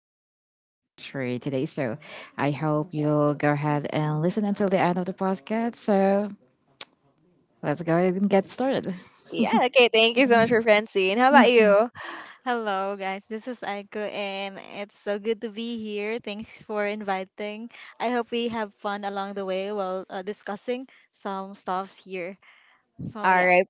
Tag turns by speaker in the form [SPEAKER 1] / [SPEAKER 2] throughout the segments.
[SPEAKER 1] Abby's questions for you today. So I hope you'll go ahead and listen until the end of the podcast. So let's go ahead and get started.
[SPEAKER 2] Yeah, okay, thank you so much for Francine. How about you?
[SPEAKER 3] Hello, guys. This is Aiko, and it's so good to be here. Thanks for inviting. I hope we have fun along the way while discussing some stuffs here. So,
[SPEAKER 2] All
[SPEAKER 3] yeah.
[SPEAKER 2] right,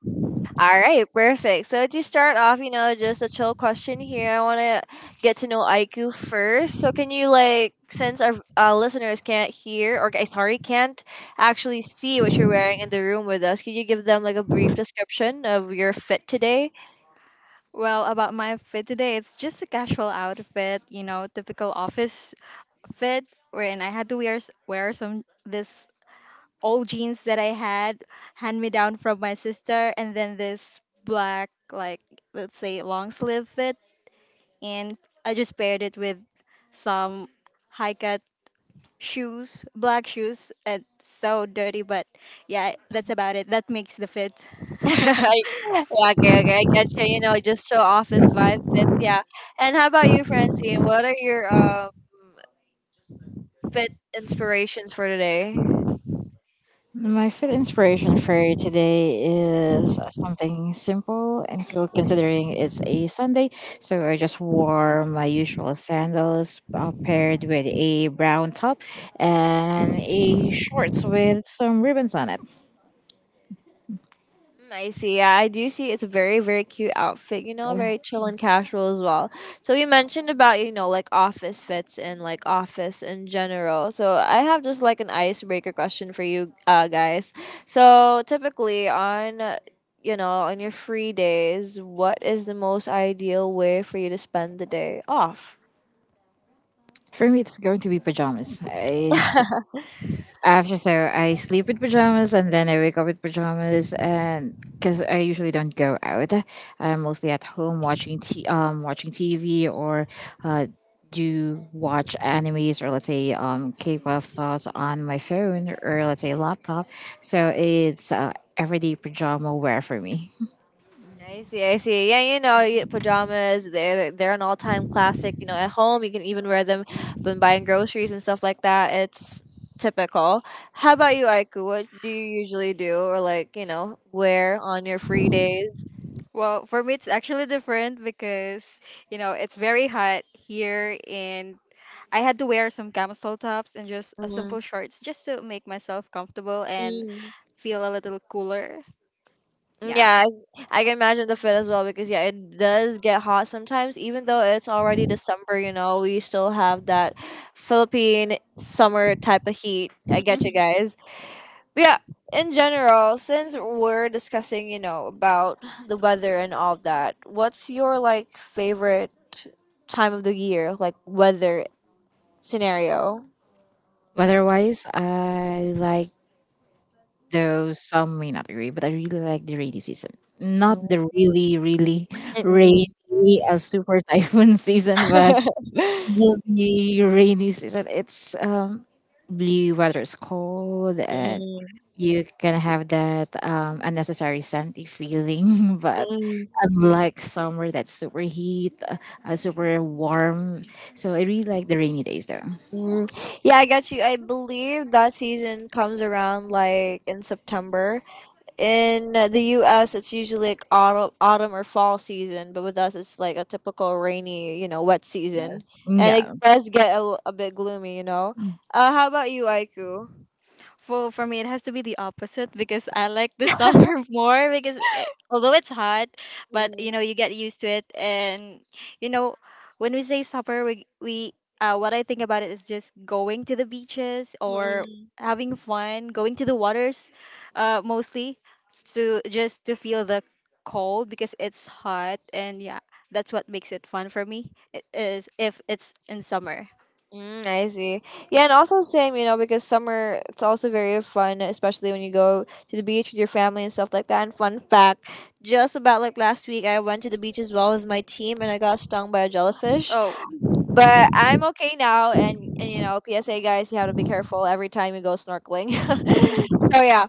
[SPEAKER 2] all right, perfect. So to start off, you know, just a chill question here. I want to get to know Aiku first. So can you like, since our listeners can't hear or sorry, can't actually see what you're wearing in the room with us, can you give them like a brief description of your fit today?
[SPEAKER 3] Well, about my fit today, it's just a casual outfit, you know, typical office fit, wherein I had to wear some this old jeans that I had hand me down from my sister, and then this black, like let's say, long sleeve fit and I just paired it with some high cut shoes, black shoes, and so dirty. But yeah, that's about it. That makes the fit.
[SPEAKER 2] Yeah, okay, okay, I get you. You know, just show office vibe fits. Yeah. And how about you, Francine? What are your fit inspirations for today?
[SPEAKER 1] My food inspiration for today is something simple and cool considering it's a Sunday. So I just wore my usual sandals paired with a brown top and a shorts with some ribbons on it.
[SPEAKER 2] Mm, I see. Yeah, I do see. It's a very, very cute outfit. You know, very chill and casual as well. So you mentioned about, you know, like office fits and like office in general. So I have just like an icebreaker question for you, guys. So typically on, you know, on your free days, what is the most ideal way for you to spend the day off?
[SPEAKER 1] For me, it's going to be pajamas. I sleep with pajamas and then I wake up with pajamas, and because I usually don't go out, I'm mostly at home watching watching TV or uh do watch animes, or let's say K-pop stars on my phone, or let's say laptop. So it's everyday pajama wear for me.
[SPEAKER 2] Mm, I see, I see. Yeah, you know, pajamas, they're an all time classic. You know, at home, you can even wear them when buying groceries and stuff like that. It's typical. How about you, Aiku? What do you usually do or, like, you know, wear on your free days?
[SPEAKER 3] Well, for me, it's actually different because, you know, it's very hot here and I had to wear some camisole tops and just a simple
[SPEAKER 2] Mm-hmm.
[SPEAKER 3] shorts just to make myself comfortable and
[SPEAKER 2] mm
[SPEAKER 3] feel a little cooler. Yeah.
[SPEAKER 2] Yeah, I can imagine the fit as well because, yeah, it does get hot sometimes. Even though it's already December, you know, we still have that Philippine summer type of heat. I get you guys. Yeah, in general, since we're discussing, you know, about the weather and all that, what's your like favorite time of the year, like weather scenario?
[SPEAKER 1] Otherwise, I like, though some may not agree, but I really like the rainy season. Not
[SPEAKER 2] Mm,
[SPEAKER 1] the really, really
[SPEAKER 2] mm,
[SPEAKER 1] rainy, a super typhoon season, but
[SPEAKER 2] mm.
[SPEAKER 1] just the rainy season. It's blue weather is cold, and you can have that unnecessary sandy feeling but
[SPEAKER 2] Mm,
[SPEAKER 1] unlike summer that's super heat, super warm. So I really like the rainy days though.
[SPEAKER 2] mm. Yeah, I got you. I believe that season comes around like in September. In the US, it's usually like autumn, autumn or fall season, but with us, it's like a typical rainy, you know, wet season, and it
[SPEAKER 1] Yeah.
[SPEAKER 2] does get a, a bit gloomy, you know. How about you, Aiku?
[SPEAKER 3] For me, it has to be the opposite because I like the summer more because eh, although it's hot, but you
[SPEAKER 2] Mm,
[SPEAKER 3] know you get used to it, and you know when we say summer, we what I think about it is just going to the beaches or
[SPEAKER 2] mm,
[SPEAKER 3] having fun, going to the waters, mostly to just to feel the cold because it's hot, and yeah, that's what makes it fun for me. It is if it's in summer.
[SPEAKER 2] mm, I see. Yeah, and also same, you know, because summer, it's also very fun, especially when you go to the beach with your family and stuff like that. And fun fact, just about like last week, I went to the beach as well as my team, and I got stung by a jellyfish.
[SPEAKER 3] Oh.
[SPEAKER 2] But I'm okay now. and you know, PSA guys, you have to be careful every time you go snorkeling. So yeah.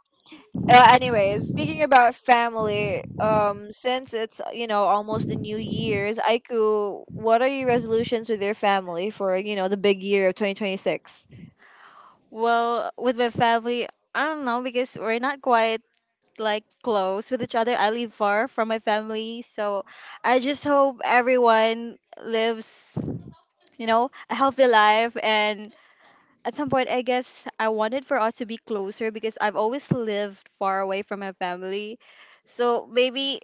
[SPEAKER 2] Anyways, speaking about family, since it's, you know, almost the New Year's, Aiku, what are your resolutions with your family for, you know, the big year of 2026?
[SPEAKER 3] Well, with my family, I don't know because we're not quite like close with each other. I live far from my family, so I just hope everyone lives, you know, a healthy life. And at some point, I guess I wanted for us to be closer because I've always lived far away from my family. So maybe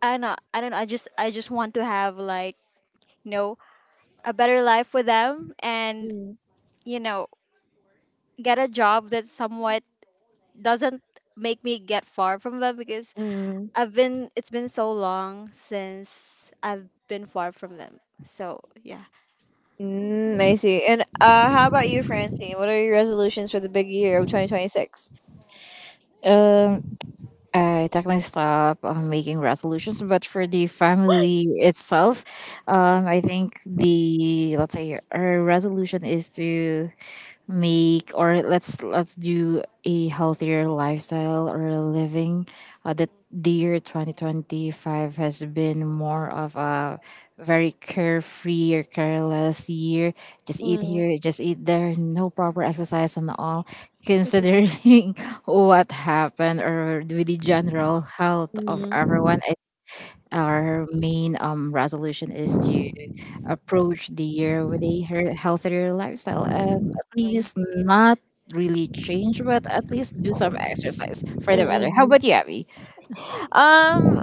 [SPEAKER 3] I don't know. I don't know. I just want to have like you know a better life with them and
[SPEAKER 2] Mm,
[SPEAKER 3] you know get a job that's somewhat doesn't make me get far from them because
[SPEAKER 2] mm,
[SPEAKER 3] I've been it's been so long since I've been far from them. So yeah.
[SPEAKER 2] mm, I see. And how about you, Francine? What are your resolutions for the big year of 2026?
[SPEAKER 1] um I technically stop making resolutions, but for the family itself, I think the, let's say our resolution is to make, or let's do a healthier lifestyle or living. Uh, that the year 2025 has been more of a very carefree or careless year. Just eat
[SPEAKER 2] Mm.
[SPEAKER 1] here, just eat there, no proper exercise and all, considering what happened or with the general health of
[SPEAKER 2] Mm,
[SPEAKER 1] everyone, our main resolution is to approach the year with a healthier lifestyle. At
[SPEAKER 2] mm,
[SPEAKER 1] least not really change, but at least do some exercise for the weather. How
[SPEAKER 2] mm.
[SPEAKER 1] about you, Abby?
[SPEAKER 2] Um,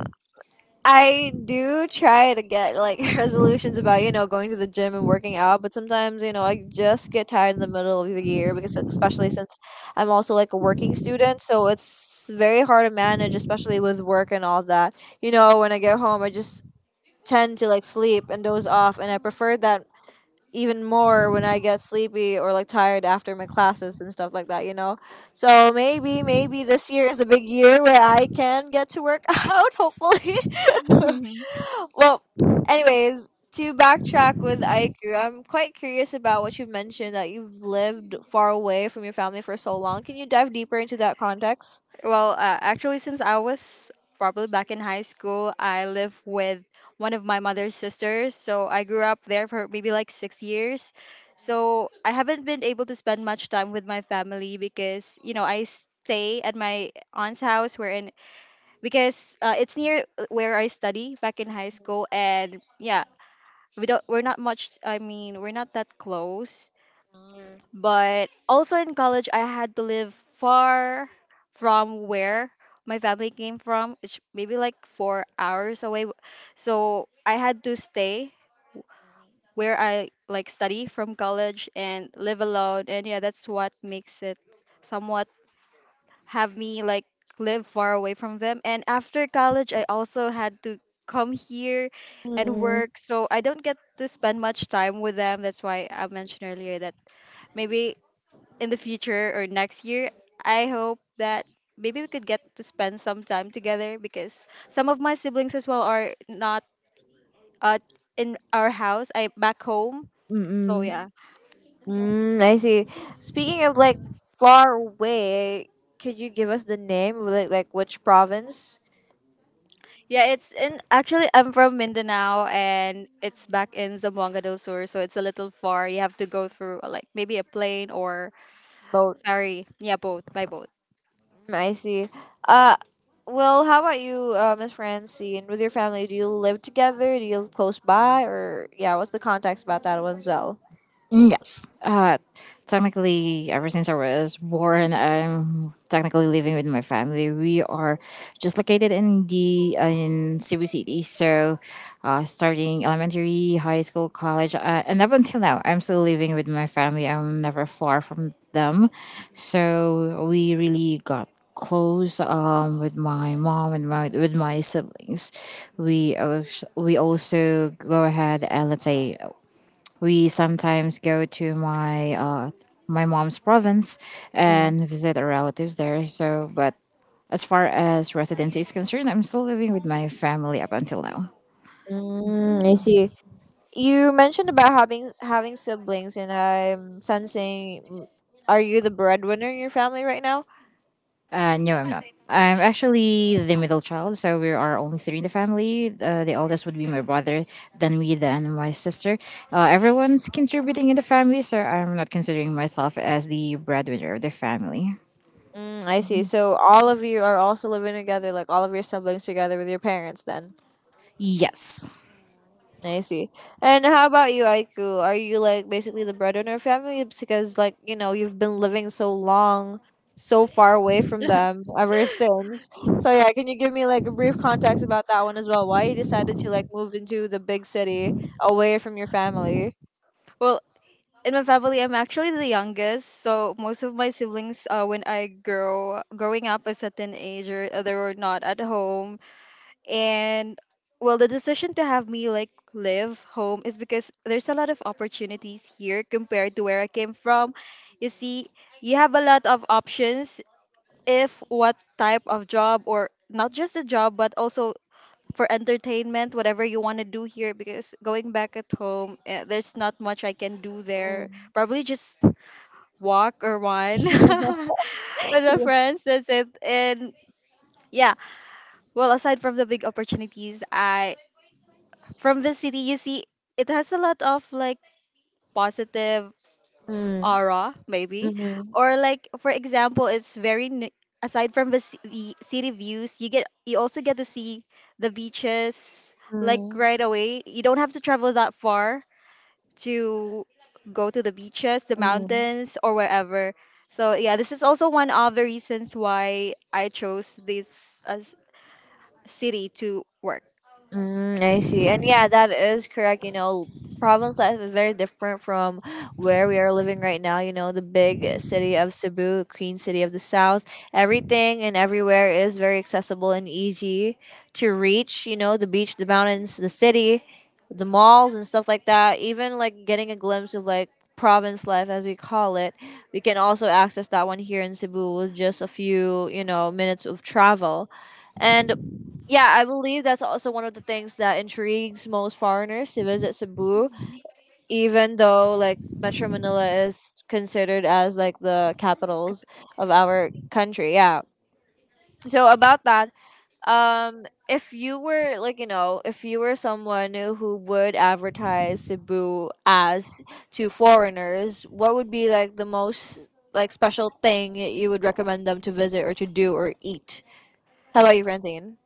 [SPEAKER 2] I do try to get like resolutions about, you know, going to the gym and working out, but sometimes, you know, I just get tired in the middle of the year because especially since I'm also like a working student, so it's very hard to manage, especially with work and all that. You know, when I get home, I just tend to like sleep and doze off, and I prefer that even more when I get sleepy or like tired after my classes and stuff like that, you know. So maybe, maybe this year is a big year where I can get to work out, hopefully. Well, anyways, to backtrack with Aiku, I'm quite curious about what you've mentioned that you've lived far away from your family for so long. Can you dive deeper into that context?
[SPEAKER 3] Well, actually, since I was probably back in high school, I live with one of my mother's sisters. So I grew up there for maybe like 6 years. So I haven't been able to spend much time with my family because, you know, I stay at my aunt's house where in because it's near where I study back in high school. And yeah, we're not much, I mean, we're not that close,
[SPEAKER 2] Mm.
[SPEAKER 3] but also in college I had to live far from where my family came from, which maybe like 4 hours away. So I had to stay where I like study from college and live alone, and yeah, that's what makes it somewhat have me like live far away from them. And after college, I also had to come here and
[SPEAKER 2] Mm,
[SPEAKER 3] work, so I don't get to spend much time with them. That's why I mentioned earlier that maybe in the future or next year, I hope that maybe we could get to spend some time together because some of my siblings as well are not uh, in our house. I back home. So
[SPEAKER 2] mm-mm.
[SPEAKER 3] yeah.
[SPEAKER 2] Mm, I see. Speaking of like far away, could you give us the name of like which province?
[SPEAKER 3] Yeah, it's in, actually I'm from Mindanao and it's back in Zamboanga del Sur, so it's a little far. You have to go through like maybe a plane or
[SPEAKER 2] Boat.
[SPEAKER 3] ferry. Yeah, boat, by boat.
[SPEAKER 2] Mm, I see. Uh, well, how about you, Miss Francine? With your family, do you live together? Do you live close by? Or yeah, what's the context about that one, Zell?
[SPEAKER 1] Mm, yes. Technically, ever since I was born, I'm technically living with my family. We are just located in the in Cebu City. So, starting elementary, high school, college, and up until now, I'm still living with my family. I'm never far from them. So we really got close with my mom and my with my siblings. We also go ahead and, let's say, we sometimes go to my my mom's province
[SPEAKER 2] Mm.
[SPEAKER 1] and visit our relatives there. So, but as far as residency is concerned, I'm still living with my family up until now.
[SPEAKER 2] Mm, I see. You mentioned about having siblings, and I'm sensing. Mm, are you the breadwinner in your family right now?
[SPEAKER 1] No, I'm not. I'm actually the middle child, so we are only three in the family. The oldest would be my brother, then me, then my sister. Everyone's contributing in the family, so I'm not considering myself as the breadwinner of the family.
[SPEAKER 2] Mm, I see. So all of you are also living together, like all of your siblings together with your parents. Then.
[SPEAKER 1] Yes.
[SPEAKER 2] I see. And how about you, Aiku? Are you like basically the breadwinner of family because, like, you know, you've been living so long, so far away from them ever since. So yeah, can you give me like a brief context about that one as well? Why you decided to like move into the big city away from your family?
[SPEAKER 3] Well, in my family, I'm actually the youngest, so most of my siblings, when I grow growing up a certain age, or they were not at home and well the decision to have me like live home is because there's a lot of opportunities here compared to where I came from. You see, you have a lot of options if what type of job or not just a job but also for entertainment, whatever you want to do here, because going back at home, eh, there's not much I can do there,
[SPEAKER 2] Mm.
[SPEAKER 3] probably just walk or run with my friends, that's it. And yeah, well, aside from the big opportunities, I from the city, you see, it has a lot of like positive
[SPEAKER 2] Mm.
[SPEAKER 3] aura maybe,
[SPEAKER 2] Hmm.
[SPEAKER 3] or like for example it's aside from the city views you get, you also get to see the beaches, like right
[SPEAKER 2] Mm.
[SPEAKER 3] away. You don't have to travel that far to go to the beaches, the
[SPEAKER 2] Mm.
[SPEAKER 3] mountains, or wherever. So yeah, this is also one of the reasons why I chose this uh, city to work.
[SPEAKER 2] Mm, I see. And yeah, that is correct. You know, province life is very different from where we are living right now. You know, the big city of Cebu, Queen City of the South, everything and everywhere is very accessible and easy to reach. You know, the beach, the mountains, the city, the malls, and stuff like that. Even like getting a glimpse of like province life, as we call it, we can also access that one here in Cebu with just a few, you know, minutes of travel. And yeah, I believe that's also one of the things that intrigues most foreigners to visit Cebu, even though like Metro Manila is considered as like the capitals of our country. Yeah. So about that, if you were like, you know, if you were someone who would advertise Cebu as to foreigners, what would be like the most like special thing you would recommend them to visit or to do or eat? How about you, Francine?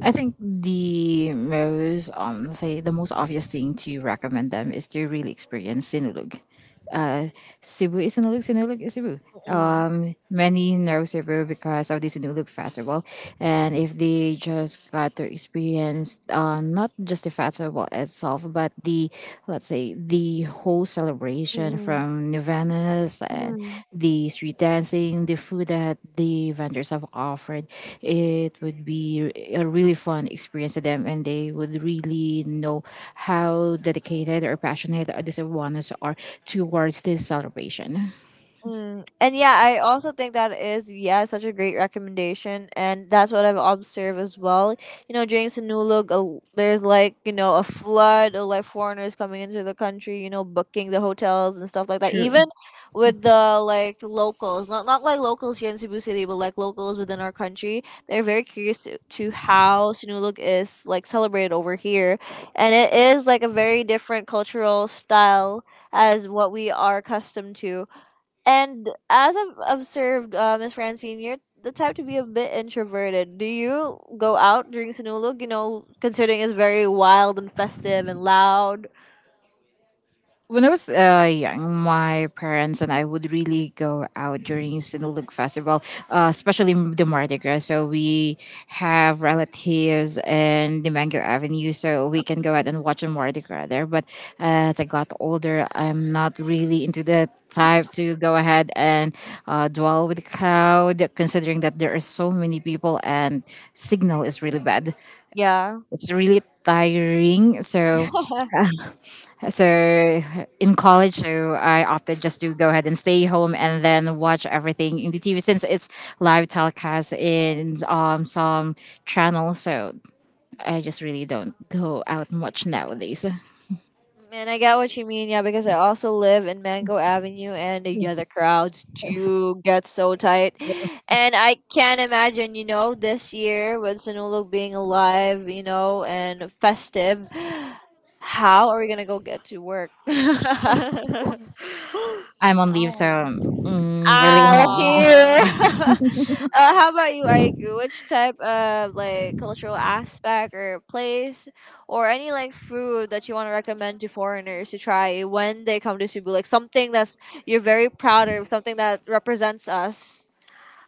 [SPEAKER 1] I think the most um, say the most obvious thing to recommend them is to really experience Sinulog. Cebu is Sinulog, Sinulog is Cebu.
[SPEAKER 2] Mm-mm.
[SPEAKER 1] Many nerves improve because of this new look festival, and if they just got to experience, not just the festival itself, but the, let's say, the whole celebration from nirvana's and
[SPEAKER 2] Mm-mm.
[SPEAKER 1] the street dancing, the food that the vendors have offered, it would be a really fun experience to them, and they would really know how dedicated or passionate these ones are towards this celebration.
[SPEAKER 2] Mm. And yeah, I also think that is, yeah, such a great recommendation, and that's what I've observed as well. You know, during Sinulog, there's like, you know, a flood of like foreigners coming into the country. You know, booking the hotels and stuff like that. Even
[SPEAKER 1] True.
[SPEAKER 2] with the like locals, not like locals here in Cebu City, but like locals within our country, they're very curious to how Sinulog is like celebrated over here, and it is like a very different cultural style as what we are accustomed to. And as I've observed, Miss Francine, you're the type to be a bit introverted. Do you go out during Sinulog? You know, considering it's very wild and festive and loud.
[SPEAKER 1] When I was young, my parents and I would really go out during Sinulog Festival, especially the Mardi Gras. So we have relatives in the Mango Avenue, so we can go out and watch a Mardi Gras there. But as I got older, I'm not really into the type to go ahead and dwell with the crowd, considering that there are so many people, and signal is really bad.
[SPEAKER 2] Yeah.
[SPEAKER 1] It's really tiring. So, so in college, so I opted just to go ahead and stay home and then watch everything in the TV since it's live telecast in some channels. So I just really don't go out much nowadays.
[SPEAKER 2] And I get what you mean, yeah, because I also live in Mango Avenue, and yeah, the crowds do get so tight. And I can't imagine, you know, this year with Sinulog being alive, you know, and festive, how are we gonna go get to work?
[SPEAKER 1] I'm on leave, so
[SPEAKER 3] Oh.
[SPEAKER 1] mm, really
[SPEAKER 2] Ah,
[SPEAKER 1] no.
[SPEAKER 2] lucky you.
[SPEAKER 3] Uh,
[SPEAKER 2] Uh, how about you, Aiku? Which type of like cultural aspect or place or any like food that you want to recommend to foreigners to try when they come to Cebu? Like something that's you're very proud of, something that represents us.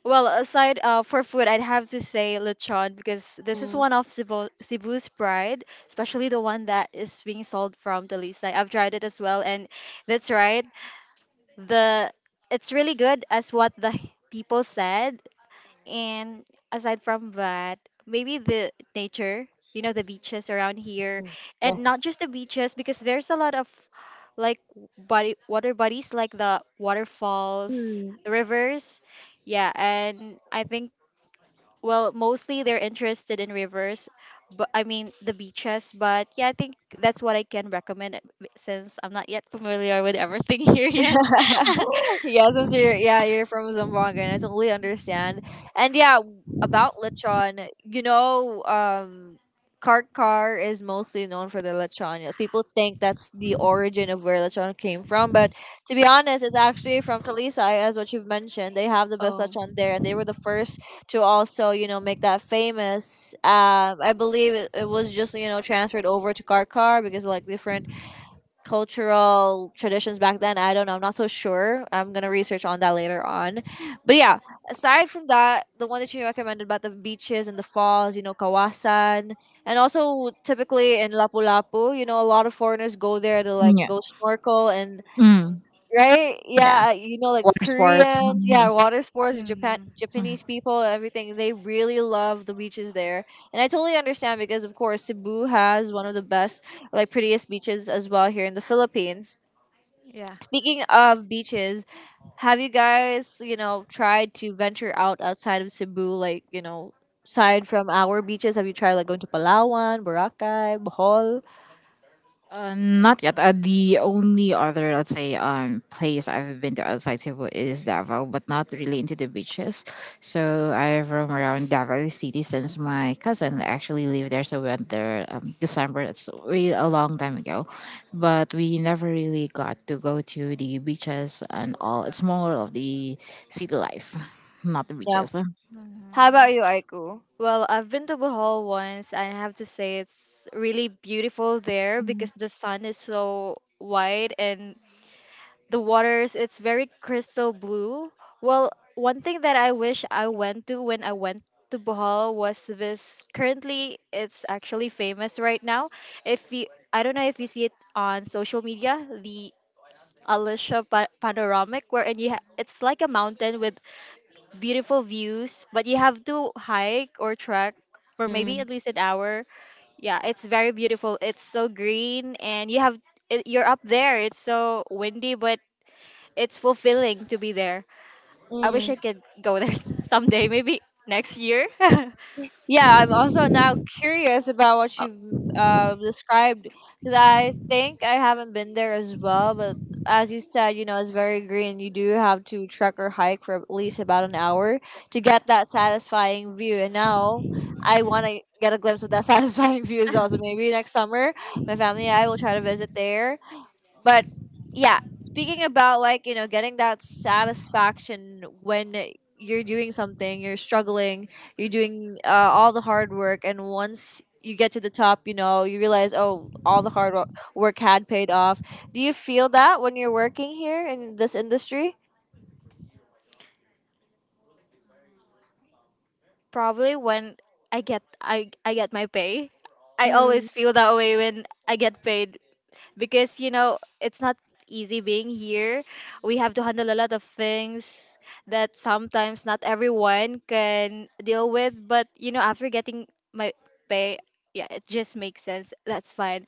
[SPEAKER 3] well, aside for food, I'd have to say lechon because this is
[SPEAKER 2] Mm,
[SPEAKER 3] one of Cebu's pride, especially the one that is being sold from the Lisay. I've tried it as well, and that's right. The it's really good as what the people said. And aside from that, maybe the nature, you know, the beaches around here,
[SPEAKER 2] mm,
[SPEAKER 3] and not
[SPEAKER 2] yes.
[SPEAKER 3] just the beaches because there's a lot of like body water bodies like the waterfalls, the rivers. Yeah, and I think well, mostly they're interested in rivers, but I mean the beaches, but yeah, I think that's what I can recommend since I'm not yet familiar with everything here yet.
[SPEAKER 2] Yeah, since you're, yeah, you're from Zamboanga, and I totally understand. And yeah, about lechon, you know, um, Karkar is mostly known for the lechon. You know, people think that's the origin of where lechon came from, but to be honest, it's actually from Talisay, as what you've mentioned. They have the best
[SPEAKER 3] Oh.
[SPEAKER 2] lechon there, and they were the first to also, you know, make that famous. I believe it, it was just, you know, transferred over to Karkar because like different cultural traditions back then. I don't know. I'm not so sure. I'm gonna research on that later on. But yeah, aside from that, the one that you recommended about the beaches and the falls, you know, Kawasan, and also typically in Lapu-Lapu, you know, a lot of foreigners go there to like go
[SPEAKER 1] Yes.
[SPEAKER 2] snorkel and
[SPEAKER 1] Mm,
[SPEAKER 2] right?
[SPEAKER 1] yeah.
[SPEAKER 2] Yeah, you know, like
[SPEAKER 1] Water sports.
[SPEAKER 2] Koreans, yeah, water sports, the
[SPEAKER 3] Hmm.
[SPEAKER 2] Japan, Japanese
[SPEAKER 1] Mhm.
[SPEAKER 2] people, everything. They really love the beaches there, and I totally understand because, of course, Cebu has one of the best, like, prettiest beaches as well here in the Philippines.
[SPEAKER 3] Yeah.
[SPEAKER 2] Speaking of beaches, have you guys, you know, tried to venture out outside of Cebu, like, you know? Aside from our beaches, have you tried like going to Palawan, Boracay, Bohol?
[SPEAKER 1] Not yet. The only other, let's say, place I've been to outside Cebu is Davao, but not really into the beaches. So I have roam around Davao City since my cousin actually lived there. So we went there December. That's way a long time ago, but we never really got to go to the beaches and all. It's more of the city life, not the
[SPEAKER 2] Yeah.
[SPEAKER 1] beaches.
[SPEAKER 2] How
[SPEAKER 3] Mhm.
[SPEAKER 2] about you, Aiku?
[SPEAKER 3] Well, I've been to Bohol once, and I have to say it's really beautiful there because the sun is so white and the waters, it's very crystal blue. Well, one thing that I wish I went to when I went to Bohol was this. Currently, it's actually famous right now. If you, I don't know if you see it on social media, the panoramic, wherein it's like a mountain with beautiful views, but you have to hike or trek for maybe
[SPEAKER 2] Mm.
[SPEAKER 3] at least an hour. Yeah, it's very beautiful. It's so green and you have it, you're up there. It's so windy, but it's fulfilling to be there. I wish I
[SPEAKER 2] Mm.
[SPEAKER 3] could go there someday, maybe next year.
[SPEAKER 2] Yeah, I'm also now curious about what you've described because I think I haven't been there as well. But as you said, you know, it's very green. You do have to trek or hike for at least about an hour to get that satisfying view. And now I want to get a glimpse of that satisfying view as well. So
[SPEAKER 3] Oh.
[SPEAKER 2] maybe next summer, my family and I will try to visit there, but yeah, speaking about getting that satisfaction when you're doing something, you're struggling, you're doing all the hard work, and once you get to the top, you know, you realize, oh, all the work had paid off. Do you feel that when you're working here in this industry?
[SPEAKER 3] Probably when I get my pay. I always feel that way when I get paid because you know it's not easy being here. We have to handle a lot of things that sometimes not everyone can deal with, but you know after getting my pay, yeah, it just makes sense. That's fine.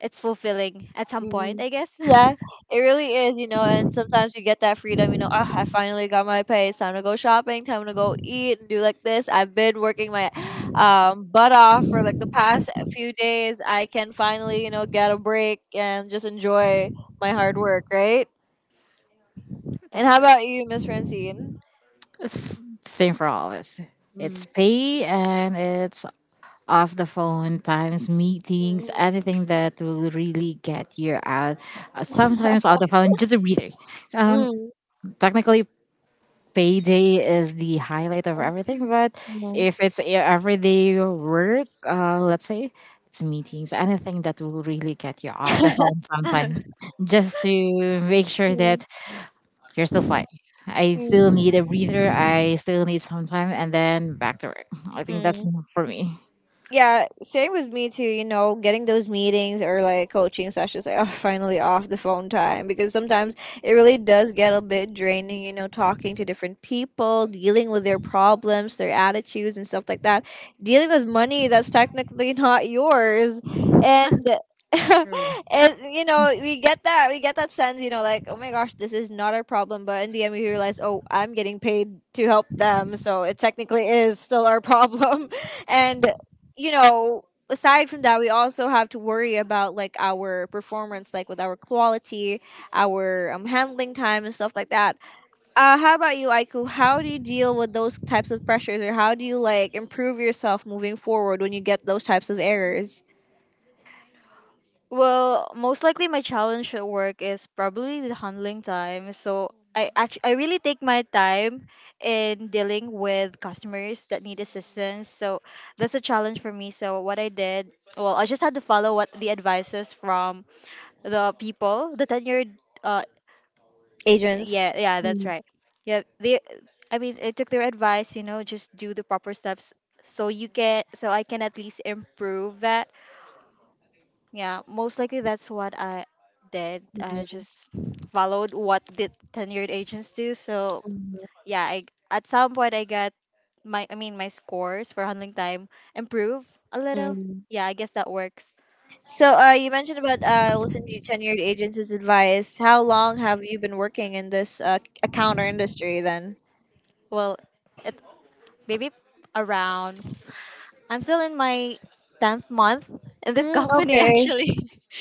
[SPEAKER 3] It's fulfilling at some point,
[SPEAKER 2] Mhm.
[SPEAKER 3] I guess.
[SPEAKER 2] Yeah, it really is, you know, and sometimes you get that freedom, you know, oh, I finally got my pay. It's time to go shopping, time to go eat and do like this. I've been working my butt off for like the past few days. I can finally, you know, get a break and just enjoy my hard work, right? And how
[SPEAKER 3] That's
[SPEAKER 2] about you, Miss Francine?
[SPEAKER 1] It's same for all of us. It's
[SPEAKER 2] Mm.
[SPEAKER 1] pay and it's off the phone times, meetings,
[SPEAKER 2] Mm.
[SPEAKER 1] anything that will really get you out. Sometimes off the phone, just a breather. Um,
[SPEAKER 2] Mm.
[SPEAKER 1] technically, payday is the highlight of everything, but
[SPEAKER 2] Mm.
[SPEAKER 1] if it's everyday work, let's say it's meetings, anything that will really get you off the phone sometimes,
[SPEAKER 3] right.
[SPEAKER 1] just to make sure that you're still fine. I still
[SPEAKER 2] Mm.
[SPEAKER 1] need a breather. I still need some time, and then back to work. I think that's
[SPEAKER 2] Mm.
[SPEAKER 1] enough for me.
[SPEAKER 2] Yeah, same with me too. You know, getting those meetings or like coaching sessions, like oh, finally off the phone time because sometimes it really does get a bit draining. You know, talking to different people, dealing with their problems, their attitudes, and stuff like that. Dealing with money that's technically not yours, and
[SPEAKER 1] True.
[SPEAKER 2] and you know we get that sense. You know, like oh my gosh, this is not our problem, but in the end we realize oh I'm getting paid to help them, so it technically is still our problem, and you know, aside from that, we also have to worry about like our performance, like with our quality, our handling time, and stuff like that. How about you, Aiku? How do you deal with those types of pressures, or how do you like improve yourself moving forward when you get those types of errors,
[SPEAKER 3] Well, most likely my challenge at work is probably the handling time. So I really take my time in dealing with customers that need assistance. So that's a challenge for me. So what I did, well, I just had to follow what the advices from the people, the tenured uh,
[SPEAKER 2] agents?
[SPEAKER 3] yeah, yeah, that's
[SPEAKER 2] Mm.
[SPEAKER 3] right. Yeah, they, I mean, I took their advice, you know, just do the proper steps so you can so I can at least improve that. Yeah, most likely that's what I did. I just followed what the tenured agents do. So yeah, I at some point I got my I mean my scores for handling time improve a little. Yeah, I guess that works.
[SPEAKER 2] So, you mentioned about listening to tenured agents' advice. How long have you been working in this account or industry then?
[SPEAKER 3] Well, it maybe around. I'm still in my tenth month in this
[SPEAKER 2] Mm,
[SPEAKER 3] company
[SPEAKER 2] okay.
[SPEAKER 3] actually.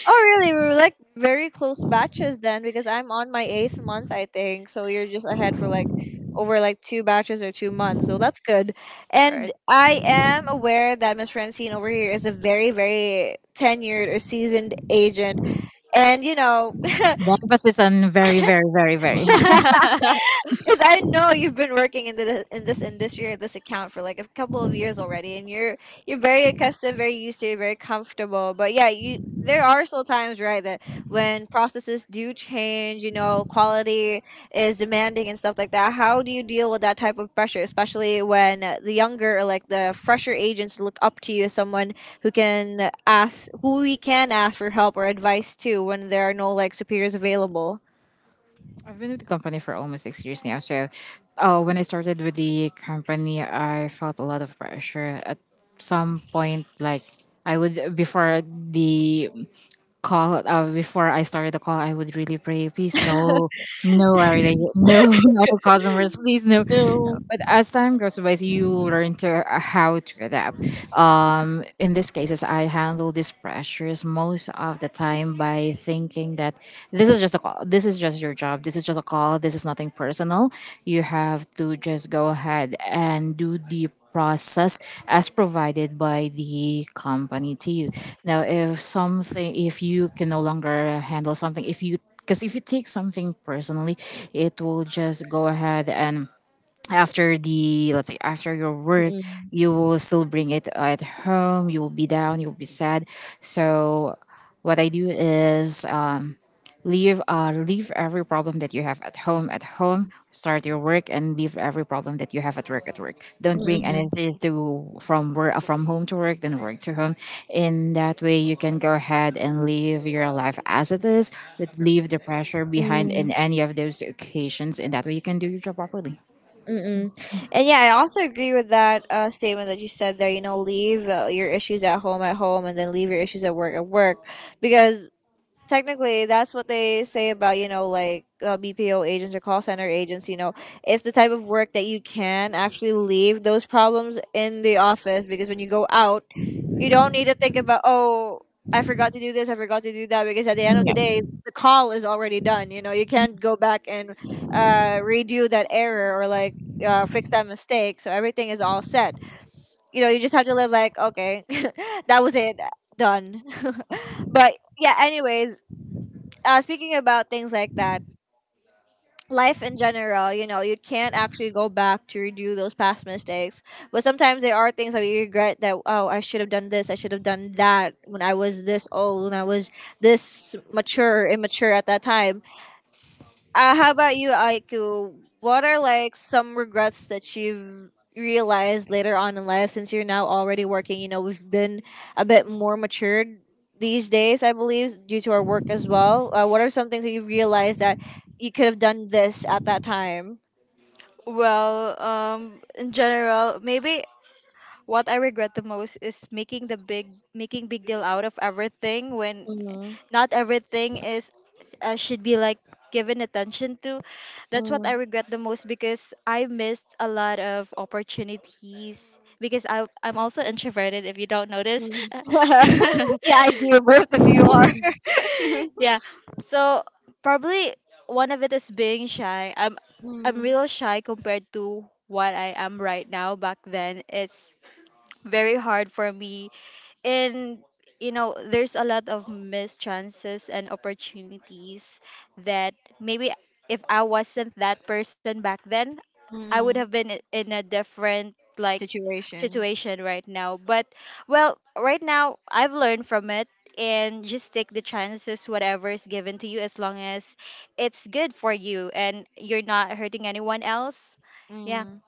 [SPEAKER 2] Oh, really? We were like very close batches then because I'm on my eighth month, I think. So you're just ahead for like over like two batches or 2 months. So that's good. And
[SPEAKER 3] Alright.
[SPEAKER 2] I am aware that Miss Francine over here is a very, very tenured or seasoned agent. And, you know,
[SPEAKER 1] The emphasis on very, very, very, very.
[SPEAKER 2] because I know you've been working in the in this industry or this account for like a couple of years already, and you're very accustomed, very used to, it, very comfortable. But yeah, you there are still times right that when processes do change, you know, quality is demanding and stuff like that. How do you deal with that type of pressure, especially when the younger or like the fresher agents look up to you as someone who can ask, who we can ask for help or advice to when there are no like superiors available?
[SPEAKER 1] I've been with the company for almost 6 years now. So, when I started with the company, I felt a lot of pressure at some point. Like, I would, before the call, before I started the call, I would really pray, please, no, no, no customers, please, no.
[SPEAKER 2] No.
[SPEAKER 1] But as time goes by, you learn to how to adapt. In these cases, I handle these pressures most of the time by thinking that this is just a call, this is just your job, this is just a call, this is nothing personal. You have to just go ahead and do the process as provided by the company to you. Now, if something, if you can no longer handle something, if you, because if you take something personally, it will just go ahead and after the, let's say, after your work, you will still bring it at home, you will be down, you'll be sad. So what I do is, leave, leave every problem that you have at home at home, start your work, and leave every problem that you have at work at work. Don't bring anything to from work, from home to work, then work to home. In that way, you can go ahead and live your life as it is, but leave the pressure behind
[SPEAKER 2] Mm,
[SPEAKER 1] in any of those occasions, and that way you can do your job properly.
[SPEAKER 2] mm-mm. And yeah, I also agree with that statement that you said there. You know, leave your issues at home, and then leave your issues at work, because technically that's what they say about you know like BPO agents or call center agents, you know, it's the type of work that you can actually leave those problems in the office because when you go out you don't need to think about oh I forgot to do this, I forgot to do that, because at the end of the day the call is already done, you know, you can't go back and redo that error or like fix that mistake, so everything is all set, you know, you just have to live like okay, that was it, done. but yeah, anyways, speaking about things like that, life in general, you know, you can't actually go back to redo those past mistakes. But sometimes there are things that we regret that, oh, I should have done this, I should have done that when I was this old, when I was this mature, immature at that time. How about you, Aiku? What are like some regrets that you've realized later on in life since you're now already working? You know, we've been a bit more matured these days, I believe, due to our work as well. What are some things that you've realized that you could have done this at that time?
[SPEAKER 3] Well, in general, maybe what I regret the most is making big deal out of everything when
[SPEAKER 2] Mm-hmm.
[SPEAKER 3] not everything is should be like given attention to. That's what I
[SPEAKER 2] Mm-hmm.
[SPEAKER 3] regret the most because I missed a lot of opportunities because I'm also introverted if you don't notice.
[SPEAKER 2] yeah, I do. Both of you are.
[SPEAKER 3] Yeah. So probably one of it is being shy. I'm
[SPEAKER 2] mm-hmm.
[SPEAKER 3] real shy compared to what I am right now. Back then, it's very hard for me and you know there's a lot of missed chances and opportunities that maybe if I wasn't that person back then I would have been in a different like
[SPEAKER 2] Situation.
[SPEAKER 3] situation right now, but well right now I've learned from it, and just take the chances whatever is given to you as long as it's good for you and you're not hurting anyone else. Yeah.
[SPEAKER 2] Mm.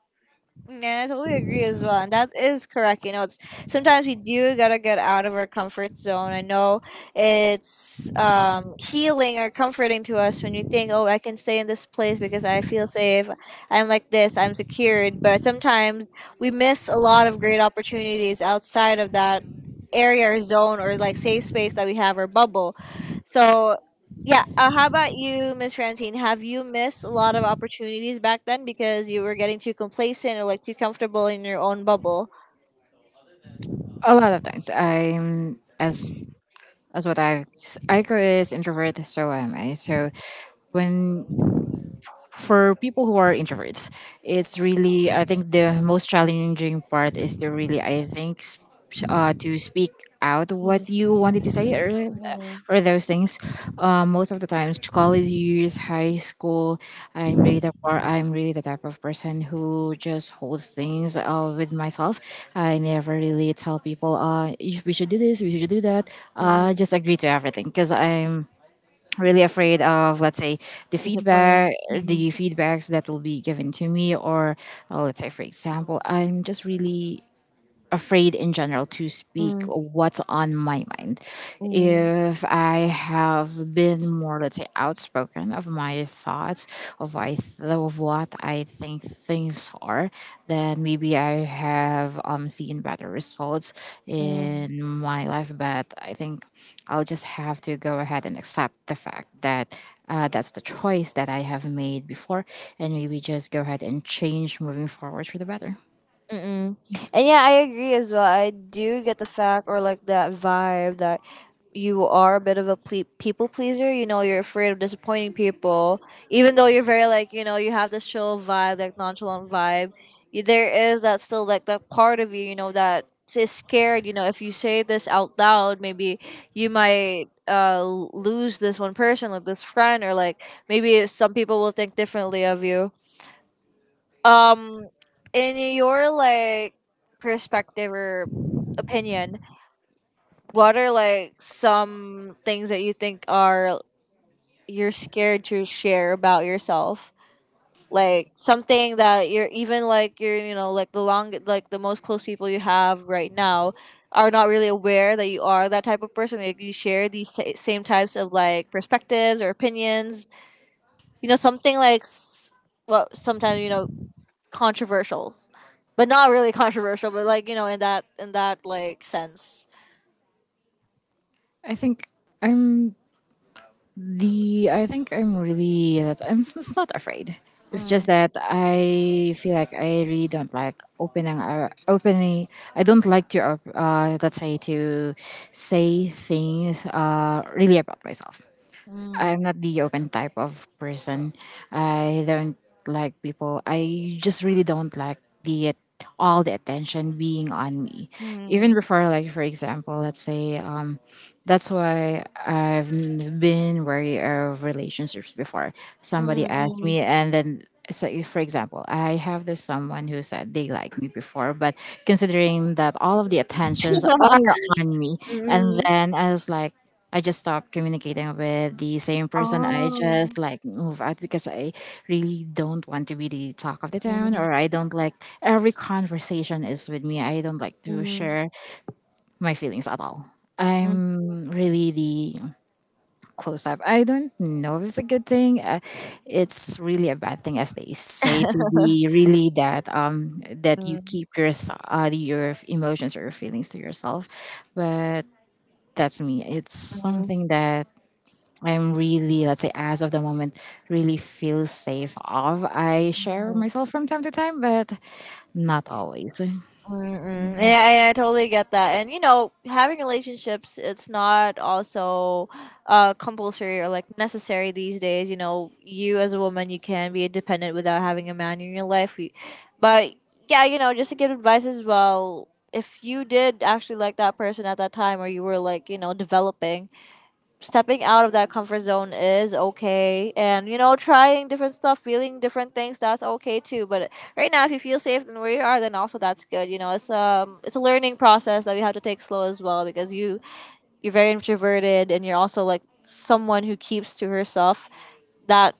[SPEAKER 2] Yeah, I totally agree as well. And that is correct. You know, it's sometimes we do gotta get out of our comfort zone. I know it's healing or comforting to us when you think, oh, I can stay in this place because I feel safe, I'm like this, I'm secured. But sometimes we miss a lot of great opportunities outside of that area or zone or like safe space that we have or bubble. So yeah. How about you, Miss Francine? Have you missed a lot of opportunities back then because you were getting too complacent or like too comfortable in your own bubble?
[SPEAKER 1] A lot of times, I'm as what I go is introvert, so am I. So when, for people who are introverts, it's really, I think the most challenging part is to really, I think, to speak out
[SPEAKER 2] Mm,
[SPEAKER 1] what you wanted to say,
[SPEAKER 2] mm,
[SPEAKER 1] or those things. Most of the times, college years, high school, I'm really the, or I'm really the type of person who just holds things with myself. I never really tell people uh, you we should do this, we should do that. Just
[SPEAKER 2] mm.
[SPEAKER 1] agree to everything, because I'm really afraid of, let's say, the
[SPEAKER 2] Disappointing.
[SPEAKER 1] feedback,
[SPEAKER 2] Mm,
[SPEAKER 1] the feedbacks that will be given to me, or let's say, for example, I'm just really afraid in general to speak
[SPEAKER 2] mm,
[SPEAKER 1] what's on my mind.
[SPEAKER 2] mm,
[SPEAKER 1] If I have been more, let's say, outspoken of my thoughts, of, of what I think things are, then maybe I have seen better results
[SPEAKER 2] mm.
[SPEAKER 1] in my life. But I think I'll just have to go ahead and accept the fact that that's the choice that I have made before, and maybe just go ahead and change moving forward for the better.
[SPEAKER 2] Mm-mm. And yeah, I agree as well. I do get the fact or like that vibe that you are a bit of a people pleaser. You know, you're afraid of disappointing people, even though you're very like you know you have this chill vibe, like nonchalant vibe. There is that still like that part of you, you know, that is scared. You know, if you say this out loud, maybe you might lose this one person, like this friend, or like maybe some people will think differently of you, um, in your like perspective or opinion, what are like some things that you think are you're scared to share about yourself? Like something that you're even like you're you know like the long like the most close people you have right now are not really aware that you are that type of person. Like you share these same types of like perspectives or opinions. You know something like well sometimes you know controversial. But not really controversial. But like you know, in that like sense.
[SPEAKER 1] I think I'm, the, I think I'm really, it's not afraid. It's just
[SPEAKER 2] Mm,
[SPEAKER 1] that I feel like I really don't like opening, opening. I don't like to let's say, to say things really about myself.
[SPEAKER 2] mm,
[SPEAKER 1] I'm not the open type of person. I don't like people. I just really don't like the all the attention being on me. Even
[SPEAKER 2] mm,
[SPEAKER 1] before, like, for example, let's say, that's why I've been wary of relationships before. Somebody
[SPEAKER 2] mm,
[SPEAKER 1] asked
[SPEAKER 2] mm.
[SPEAKER 1] me, and then, so if, for example, I have this someone who said they like me before, but considering that all of the attentions are on me,
[SPEAKER 2] Mm,
[SPEAKER 1] and
[SPEAKER 2] mm.
[SPEAKER 1] then I was like. I just stopped communicating with the same person. I
[SPEAKER 2] Oh.
[SPEAKER 1] just like move out because I really don't want to be the talk of the town,
[SPEAKER 2] Mm,
[SPEAKER 1] or I don't like every conversation is with me. I don't like to
[SPEAKER 2] mm,
[SPEAKER 1] share my feelings at all.
[SPEAKER 2] mm,
[SPEAKER 1] I'm really the close up. I don't know if it's a good thing. It's really a bad thing, as they say, to be really that um, that you
[SPEAKER 2] mm,
[SPEAKER 1] keep your your emotions or your feelings to yourself. But that's me. It's
[SPEAKER 2] mm,
[SPEAKER 1] something that I'm really, let's say, as of the moment, really feel safe of. I share
[SPEAKER 2] mm.
[SPEAKER 1] myself from time to time, but not always.
[SPEAKER 2] Mm-mm. Yeah, I totally get that. And you know, having relationships, it's not also compulsory or like necessary these days. You know, you as a woman, you can be independent without having a man in your life. You- But yeah, you know, just to give advice as well. If you did actually like that person at that time, or you were like, you know, developing, stepping out of that comfort zone is okay, and you know trying different stuff, feeling different things, that's okay too. But right now if you feel safe in where you are then also that's good, you know, it's a learning process that you have to take slow as well, because you're very introverted and you're also like someone who keeps to herself, that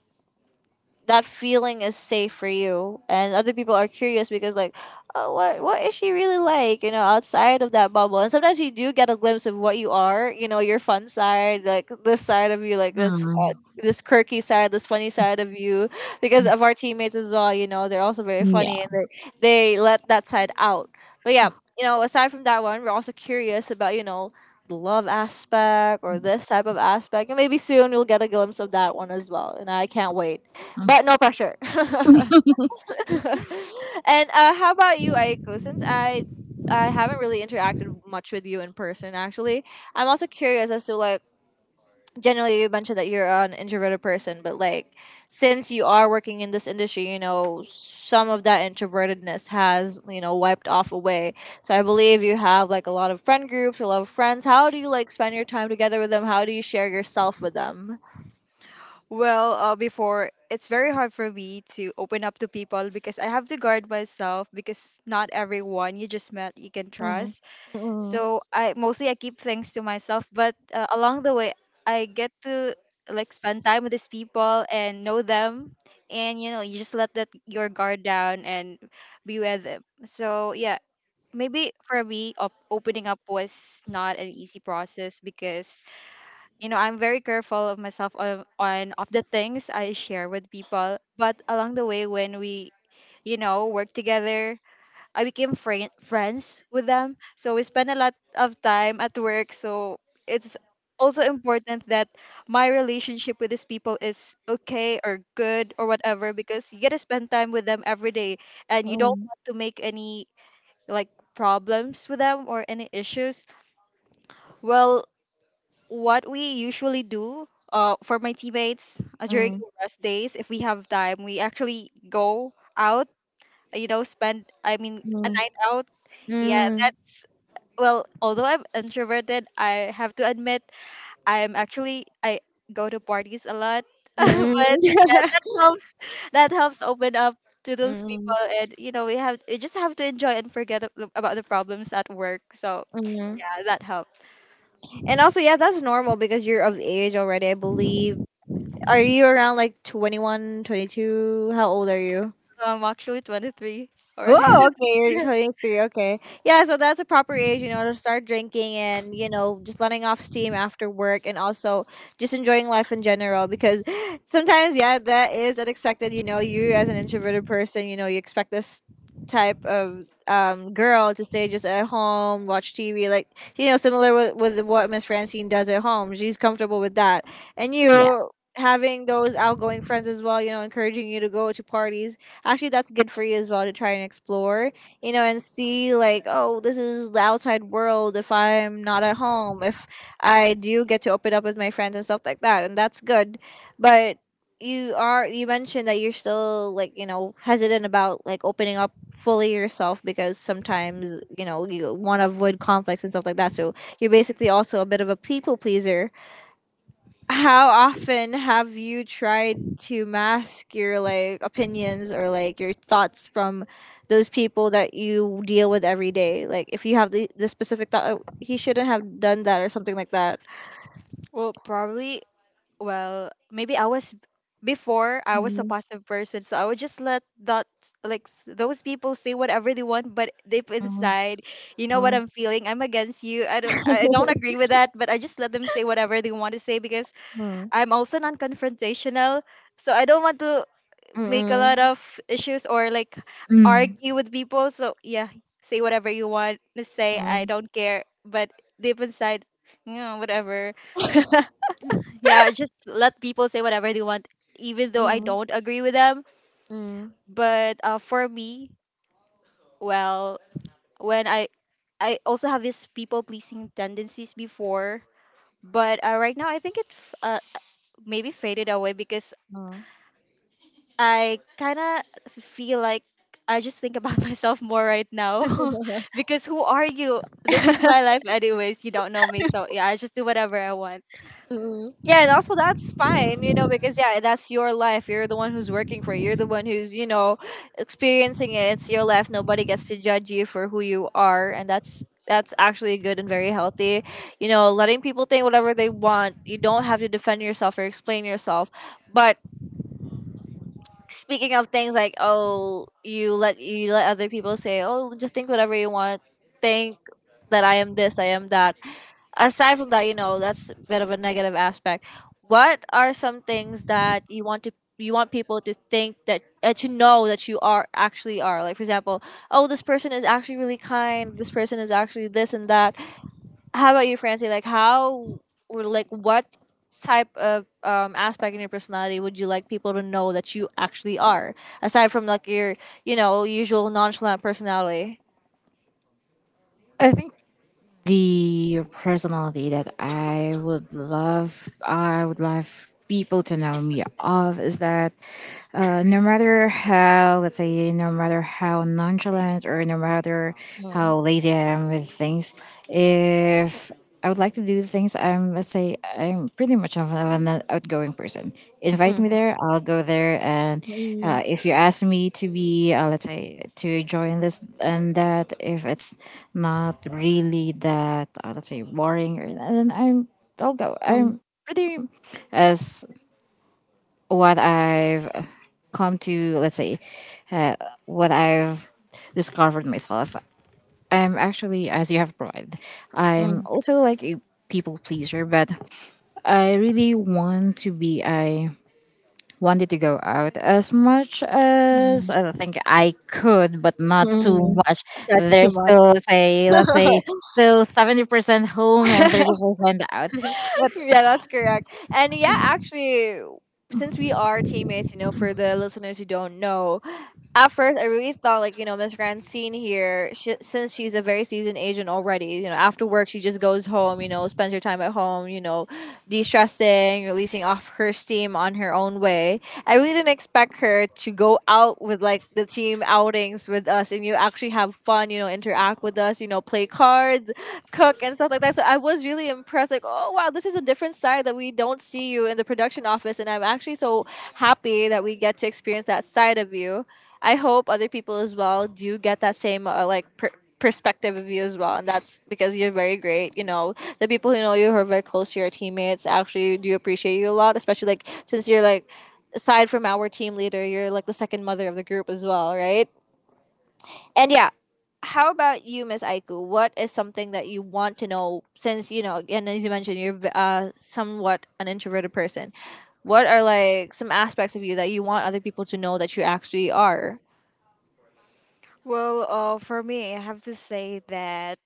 [SPEAKER 2] that feeling is safe for you and other people are curious because like oh, what is she really like, you know, outside of that bubble, and sometimes you do get a glimpse of what you are, you know, your fun side, like this side of you, like this
[SPEAKER 1] Mm,
[SPEAKER 2] this quirky side, this funny side of you, because of our teammates as well, you know they're also very funny
[SPEAKER 1] yeah.
[SPEAKER 2] and they let that side out. But yeah, you know, aside from that one we're also curious about you know the love aspect or this type of aspect, and maybe soon you'll get a glimpse of that one as well and I can't wait,
[SPEAKER 1] Mm,
[SPEAKER 2] but no pressure. and how about you, Aiko? Since I haven't really interacted much with you in person, actually, I'm also curious as to like generally you mentioned that you're an introverted person, but like since you are working in this industry, you know some of that introvertedness has you know wiped off away. So I believe you have like a lot of friend groups, a lot of friends. How do you like spend your time together with them? How do you share yourself with them?
[SPEAKER 3] Well, before it's very hard for me to open up to people because I have to guard myself because not everyone you just met you can
[SPEAKER 2] Mm.
[SPEAKER 3] trust.
[SPEAKER 2] Mm,
[SPEAKER 3] So I keep things to myself, but along the way I get to like spend time with these people and know them, and you know you just let that your guard down and be with them. So yeah, maybe for me, opening up was not an easy process because you know I'm very careful of myself on of the things I share with people. But along the way when we work together, I became friends with them, so we spend a lot of time at work. So it's also important that my relationship with these people is okay or good or whatever, because you get to spend time with them every day and you don't
[SPEAKER 2] mm,
[SPEAKER 3] want to make any like problems with them or any issues. Well, what we usually do for my teammates during
[SPEAKER 2] mm,
[SPEAKER 3] the rest days, if we have time, we actually go out, spend, I mean, a
[SPEAKER 2] mm,
[SPEAKER 3] night out. Yeah,
[SPEAKER 2] mm,
[SPEAKER 3] that's, well, although I'm introverted, I have to admit, I go to parties a lot. But
[SPEAKER 2] Mm-mm.
[SPEAKER 3] yeah, that helps open up to those
[SPEAKER 2] Mm-mm.
[SPEAKER 3] people. And, you know, we just have to enjoy and forget about the problems at work. So
[SPEAKER 2] Mm.
[SPEAKER 3] yeah, that helps.
[SPEAKER 2] And also, yeah, that's normal because you're of age already, I believe. Are you around like 21, 22? How old are you?
[SPEAKER 3] So, I'm actually 23 already.
[SPEAKER 2] Oh, okay. You're showing three. Okay. Yeah, so that's a proper age, you know, to start drinking and, you know, just letting off steam after work and also just enjoying life in general because sometimes, yeah, that is unexpected. You know, you as an introverted person, you know, you expect this type of girl to stay just at home, watch TV, like, you know, similar with, what Miss Francine does at home. She's comfortable with that. And
[SPEAKER 1] yeah.
[SPEAKER 2] you having those outgoing friends as well, you know, encouraging you to go to parties. Actually, that's good for you as well to try and explore, you know, and see like, oh, this is the outside world. If I'm not at home, if I do get to open up with my friends and stuff like that, and that's good. But you, are you mentioned that you're still like, you know, hesitant about like opening up fully yourself because sometimes, you know, you want to avoid conflicts and stuff like that. So you're basically also a bit of a people pleaser. How often have you tried to mask your like opinions or like your thoughts from those people that you deal with every day, like if you have the specific thought, "Oh, he shouldn't have done that," or something like that.
[SPEAKER 3] Well, probably, well, maybe I was before I was a
[SPEAKER 2] Mm,
[SPEAKER 3] passive person, so I would just let that like those people say whatever they want, but deep
[SPEAKER 2] mm,
[SPEAKER 3] inside, you know what
[SPEAKER 2] mm,
[SPEAKER 3] I'm feeling. I'm against you. I don't agree with that, but I just let them say whatever they want to say because
[SPEAKER 2] mm,
[SPEAKER 3] I'm also non-confrontational, so I don't want to make a lot
[SPEAKER 2] mm,
[SPEAKER 3] of issues or like
[SPEAKER 1] Mm.
[SPEAKER 3] argue with people. So yeah, say whatever you want to say. I
[SPEAKER 2] mm,
[SPEAKER 3] don't care, but deep inside, you know, whatever. Yeah, just let people say whatever they want, even though I
[SPEAKER 2] mm,
[SPEAKER 3] don't agree with them.
[SPEAKER 2] mm,
[SPEAKER 3] But for me, well, when I also have this people pleasing tendencies before, but right now I think it maybe faded away because
[SPEAKER 2] mm.
[SPEAKER 3] I kind of feel like I just think about myself more right now because who are you? This is my life anyways. You don't know me, so yeah, I just do whatever I want.
[SPEAKER 2] Hmm. Yeah, and also that's fine, you know, because yeah, that's your life. You're the one who's working for it. You're the one who's, you know, experiencing it. It's your life. Nobody gets to judge you for who you are, and that's actually good and very healthy. You know, letting people think whatever they want. You don't have to defend yourself or explain yourself. But speaking of things like, oh, you let, other people say, oh, just think whatever you want. Think that I am this, I am that. Aside from that, you know, that's a bit of a negative aspect. What are some things that you want to, you want people to think that, to know that you are actually are, like for example, oh, this person is actually really kind, this person is actually this and that. How about you, Francie, like how, or like what type of aspect in your personality would you like people to know that you actually are, aside from like your, you know, usual nonchalant personality?
[SPEAKER 1] I think the personality that I would love people to know me of is that no matter how, let's say, no matter how nonchalant or no matter
[SPEAKER 2] Mm,
[SPEAKER 1] how lazy I am with things, if I would like to do things. I'm let's say I'm pretty much of an outgoing person. Invite me
[SPEAKER 2] mm,
[SPEAKER 1] there, I'll go there. And
[SPEAKER 2] mm,
[SPEAKER 1] if you ask me to be, let's say, to join this and that, if it's not really that, let's say, boring, or then I'll go.
[SPEAKER 2] mm,
[SPEAKER 1] I'm pretty as what I've come to, let's say, uh, what I've discovered myself. I'm actually, as you have brought, I'm
[SPEAKER 2] mm,
[SPEAKER 1] also like a people pleaser, but I really want to be. I wanted to go out as much as
[SPEAKER 2] mm.
[SPEAKER 1] I think I could, but not too
[SPEAKER 2] Mm,
[SPEAKER 1] much.
[SPEAKER 2] that's too
[SPEAKER 1] There's
[SPEAKER 2] much.
[SPEAKER 1] still, let's say, still 70% home and 30% out. But
[SPEAKER 2] Yeah, that's correct. And yeah, actually, since we are teammates, you know, for the listeners who don't know, at first I really thought like, you know, Miss Francine here, she, since she's a very seasoned agent already, you know, after work she just goes home, you know, spends her time at home, you know, de-stressing, releasing off her steam on her own way. I really didn't expect her to go out with like the team outings with us, and you actually have fun, you know, interact with us, you know, play cards, cook and stuff like that. So I was really impressed, like, oh wow, this is a different side that we don't see you in the production office. And I'm actually so happy that we get to experience that side of you. I hope other people as well do get that same like perspective of you as well, and that's because you're very great, you know. The people who know you, who are very close to your teammates, actually do appreciate you a lot, especially like since you're like, aside from our team leader, you're like the second mother of the group as well, right? And yeah, how about you, Miss Aiku? What is something that you want to know, since, you know, and as you mentioned, you're somewhat an introverted person, what are like some aspects of you that you want other people to know that you actually are?
[SPEAKER 3] Well, for me, I have to say that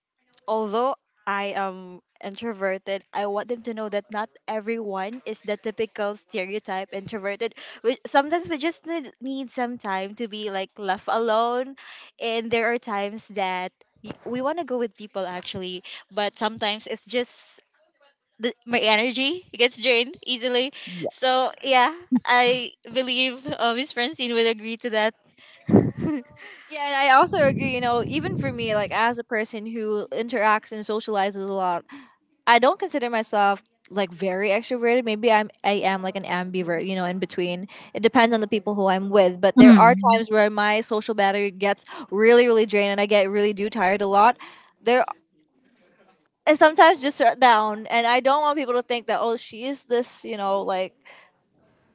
[SPEAKER 3] although I am introverted, I want them to know that not everyone is the typical stereotype introverted. We, sometimes we just need some time to be like left alone, and there are times that we want to go with people actually, but sometimes it's just the, my energy gets drained easily. So yeah, I believe Miss Francine will agree to that.
[SPEAKER 2] Yeah, and I also agree, you know, even for me, like as a person who interacts and socializes a lot, I don't consider myself like very extroverted. Maybe I am like an ambivert, you know, in between. It depends on the people who I'm with. But there are
[SPEAKER 1] mm,
[SPEAKER 2] times where my social battery gets really, really drained and I get really do tired a lot. There, and sometimes just shut down, and I don't want people to think that, oh, she is this, you know, like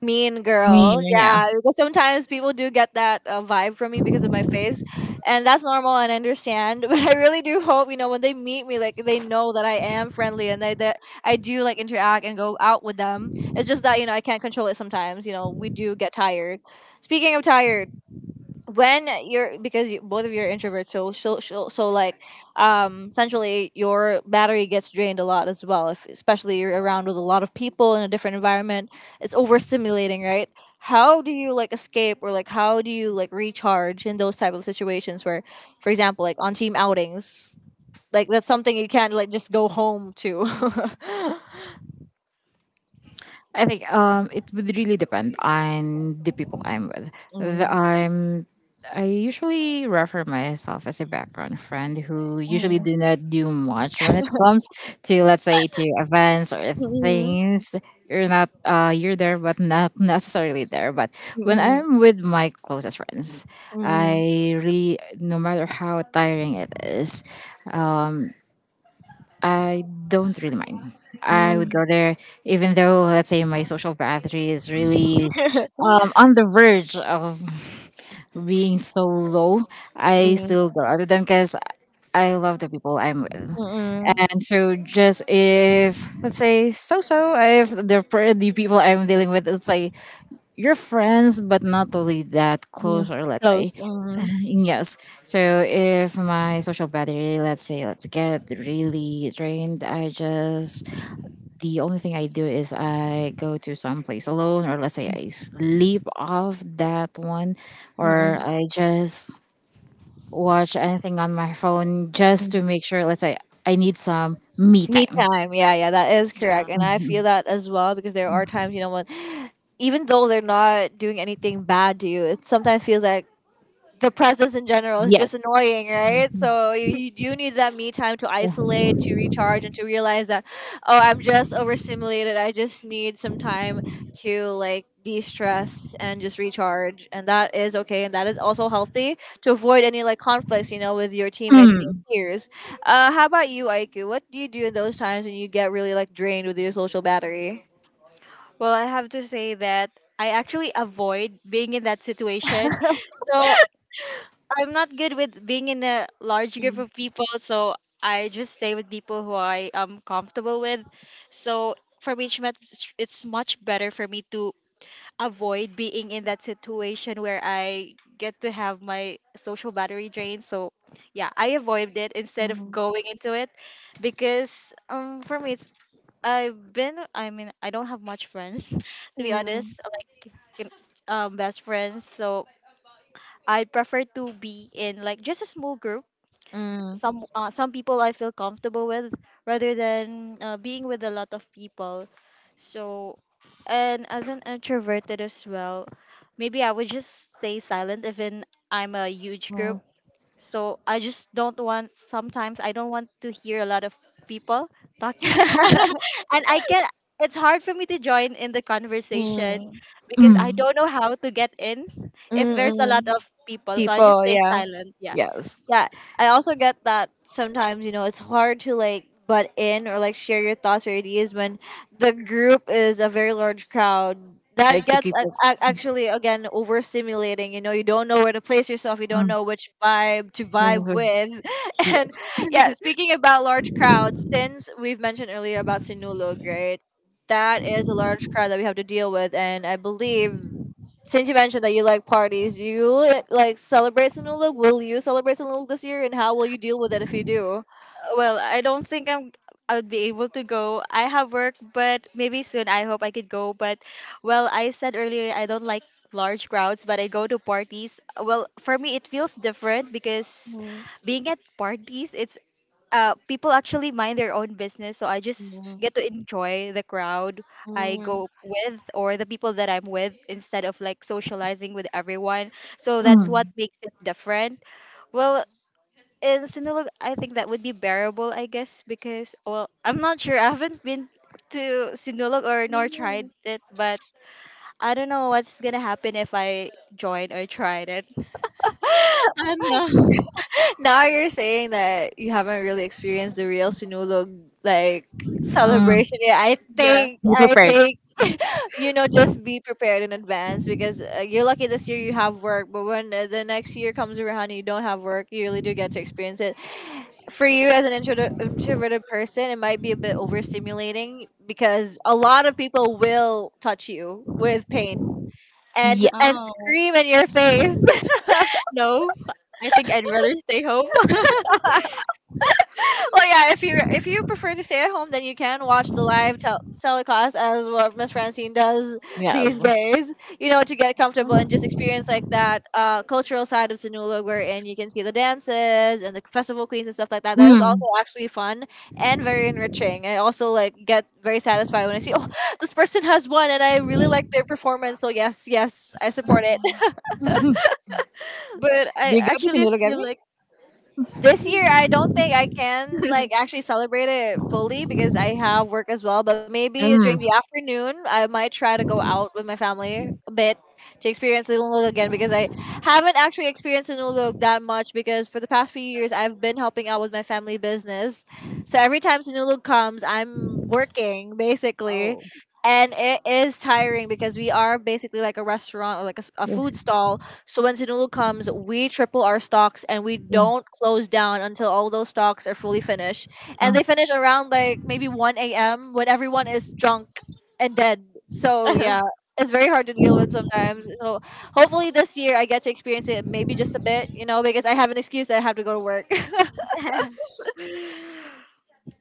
[SPEAKER 2] mean
[SPEAKER 1] me,
[SPEAKER 2] girl.
[SPEAKER 1] yeah.
[SPEAKER 2] Yeah, because sometimes people do get that vibe from me because of my face, and that's normal and I understand. But I really do hope, you know, when they meet me, like they know that I am friendly, and they, that I do like interact and go out with them. It's just that, you know, I can't control it sometimes. You know, we do get tired. Speaking of tired, when you're, because you, both of you are introverts, so like um, essentially your battery gets drained a lot as well, if especially you're around with a lot of people in a different environment, it's overstimulating, right? How do you like escape, or like how do you like recharge in those type of situations where, for example, like on team outings, like that's something you can't like just go home to.
[SPEAKER 1] I think it would really depend on the people I'm with.
[SPEAKER 2] Mm,
[SPEAKER 1] I'm I usually refer myself as a background friend who usually
[SPEAKER 2] mm,
[SPEAKER 1] do not do much when it comes to let's say to events or
[SPEAKER 2] mm,
[SPEAKER 1] things. You're not you're there but not necessarily there. But
[SPEAKER 2] mm,
[SPEAKER 1] when
[SPEAKER 2] mm,
[SPEAKER 1] I'm with my closest friends,
[SPEAKER 2] mm,
[SPEAKER 1] I really no matter how tiring it is, I don't really mind. I would go
[SPEAKER 2] mm,
[SPEAKER 1] there, even though let's say my social battery is really on the verge of being so low. I
[SPEAKER 2] mm,
[SPEAKER 1] still go out with them because I love the people I'm with.
[SPEAKER 2] mm.
[SPEAKER 1] And so, just if let's say if the people I'm dealing with, let's say you're friends but not totally that close,
[SPEAKER 2] Mm,
[SPEAKER 1] or let's
[SPEAKER 2] close.
[SPEAKER 1] say
[SPEAKER 2] Mhm,
[SPEAKER 1] yes. So if my social battery, let's say, let's get really drained, I just the only thing I do is I go to some place alone, or let's say I sleep off that one, or
[SPEAKER 2] mm,
[SPEAKER 1] I just watch anything on my phone just
[SPEAKER 2] mm.
[SPEAKER 1] to make sure. Let's say I need some me
[SPEAKER 2] Me
[SPEAKER 1] time.
[SPEAKER 2] time. Yeah, yeah, that is correct. And I feel
[SPEAKER 1] Mhm.
[SPEAKER 2] that as well, because there are times, you know, when even though they're not doing anything bad to you, it sometimes feels like the presence in general is just
[SPEAKER 1] Yes.
[SPEAKER 2] annoying, right? So you do need that me time to isolate, to recharge, and to realize that, oh, I'm just overstimulated. I just need some time to like de stress and just recharge. And that is okay. And that is also healthy to avoid any like conflicts, you know, with your teammates and your
[SPEAKER 1] Mm,
[SPEAKER 2] peers. How about you, Aiku? What do you do in those times when you get really like drained with your social battery?
[SPEAKER 3] Well, I have to say that I actually avoid being in that situation. So I'm not good with being in a large group of people. So I just stay with people who I am comfortable with. So for me, it's much better for me to avoid being in that situation where I get to have my social battery drained. So yeah, I avoid it instead of
[SPEAKER 2] Mm,
[SPEAKER 3] going into it because for me it's I've been, I mean, I don't have much friends, to be
[SPEAKER 2] mm,
[SPEAKER 3] honest, like in- best friends. So I prefer to be in like just a small group.
[SPEAKER 2] mm,
[SPEAKER 3] Some people I feel comfortable with, rather than being with a lot of people. So, and as an introverted as well, maybe I would just stay silent even I'm a huge group,
[SPEAKER 2] mm,
[SPEAKER 3] so I just don't want, sometimes I don't want to hear a lot of people talking. And I can, it's hard for me to join in the conversation
[SPEAKER 2] mm,
[SPEAKER 3] because I
[SPEAKER 1] mm,
[SPEAKER 3] don't know how to get in if
[SPEAKER 2] mm,
[SPEAKER 3] there's a lot
[SPEAKER 2] mm.
[SPEAKER 3] of people. So I just
[SPEAKER 2] People,
[SPEAKER 3] stay
[SPEAKER 2] yeah.
[SPEAKER 3] silent. Yeah.
[SPEAKER 1] yes.
[SPEAKER 2] Yeah, I also get that sometimes, you know, it's hard to like butt in or like share your thoughts or ideas when the group is a very large crowd.
[SPEAKER 1] Like
[SPEAKER 2] That
[SPEAKER 1] to keep
[SPEAKER 2] gets
[SPEAKER 1] it.
[SPEAKER 2] actually, again, overstimulating. You know, you don't know where to place yourself, you don't
[SPEAKER 1] Mm,
[SPEAKER 2] know which vibe to vibe with. And
[SPEAKER 1] yes.
[SPEAKER 2] yeah, speaking about large crowds, since we've mentioned earlier about Sinulog, right, that is a large crowd that we have to deal with. And I believe, since you mentioned that you like parties, do you like celebrate Sinulog? Will you celebrate Sinulog this year, and how will you deal with it if you do?
[SPEAKER 3] Well, I don't think I'm I would be able to go. I have work, but maybe soon I hope I could go. But well, I said earlier I don't like large crowds, but I go to parties. Well, for me it feels different because
[SPEAKER 2] Mm,
[SPEAKER 3] being at parties, it's people actually mind their own business, so I just
[SPEAKER 2] mm,
[SPEAKER 3] get to enjoy the crowd I
[SPEAKER 2] mm,
[SPEAKER 3] go with or the people that I'm with instead of like socializing with everyone. So that's
[SPEAKER 2] mm,
[SPEAKER 3] what
[SPEAKER 1] Mm,
[SPEAKER 3] makes it different. Well, in Sinulog, I think that would be bearable, I guess, because well, I'm not sure. I haven't been to Sinulog or nor tried
[SPEAKER 2] mm.
[SPEAKER 3] it, but I don't know what's gonna happen if I join or tried it. I don't know.
[SPEAKER 2] Now you're saying that you haven't really experienced the real Sinulog like
[SPEAKER 1] mm,
[SPEAKER 2] celebration. Yeah, I
[SPEAKER 3] Yeah.
[SPEAKER 2] think,
[SPEAKER 1] be
[SPEAKER 2] I
[SPEAKER 1] prepared.
[SPEAKER 2] think, you know, just be prepared in advance because you're lucky this year you have work, but when the next year comes around and you don't have work, you really do get to experience it. For you, as an introverted person, it might be a bit overstimulating because a lot of people will touch you with paint and
[SPEAKER 1] Yes.
[SPEAKER 3] Oh
[SPEAKER 2] scream in your face.
[SPEAKER 3] no, I think I'd rather stay home.
[SPEAKER 2] Well, yeah. If you, prefer to stay at home, then you can watch the live telecast, as what Miss Francine does these
[SPEAKER 1] Yes.
[SPEAKER 2] days. You know, to get comfortable and just experience like that cultural
[SPEAKER 3] Mhm.
[SPEAKER 2] side of Sinulog, wherein you can see the dances and the festival queens and stuff like that. That is also
[SPEAKER 1] Mm.
[SPEAKER 2] actually fun and very enriching. I also like get very satisfied when I see, oh, this person has won and I really like their performance. So yes, yes, I support it.
[SPEAKER 1] Do
[SPEAKER 3] But I
[SPEAKER 1] you go to
[SPEAKER 3] actually
[SPEAKER 1] Sinulog,
[SPEAKER 3] feel
[SPEAKER 1] Abby?
[SPEAKER 3] like
[SPEAKER 2] This year I don't think I can like actually celebrate it fully because I have work as well. But maybe during
[SPEAKER 1] Mm.
[SPEAKER 2] the afternoon, I might try to go out with my family a bit to experience Ilonggo again, because I haven't actually experienced Sinulog that much, because for the past few years I've been helping out with my family business. So every time Sinulog comes, I'm working basically.
[SPEAKER 1] Oh.
[SPEAKER 2] And it is tiring because we are basically like a restaurant or like a, a
[SPEAKER 1] Yeah.
[SPEAKER 2] food stall, so when Sinulu comes, we triple our stocks and we
[SPEAKER 1] Yeah.
[SPEAKER 2] don't close down until all those stocks are fully finished. And
[SPEAKER 1] Mm.
[SPEAKER 2] they finish around like maybe 1 a.m. when everyone is drunk and dead. So yeah, it's very hard to deal with sometimes. So hopefully this year I get to experience it maybe just a bit, you know, because I have an excuse that I have to go to work.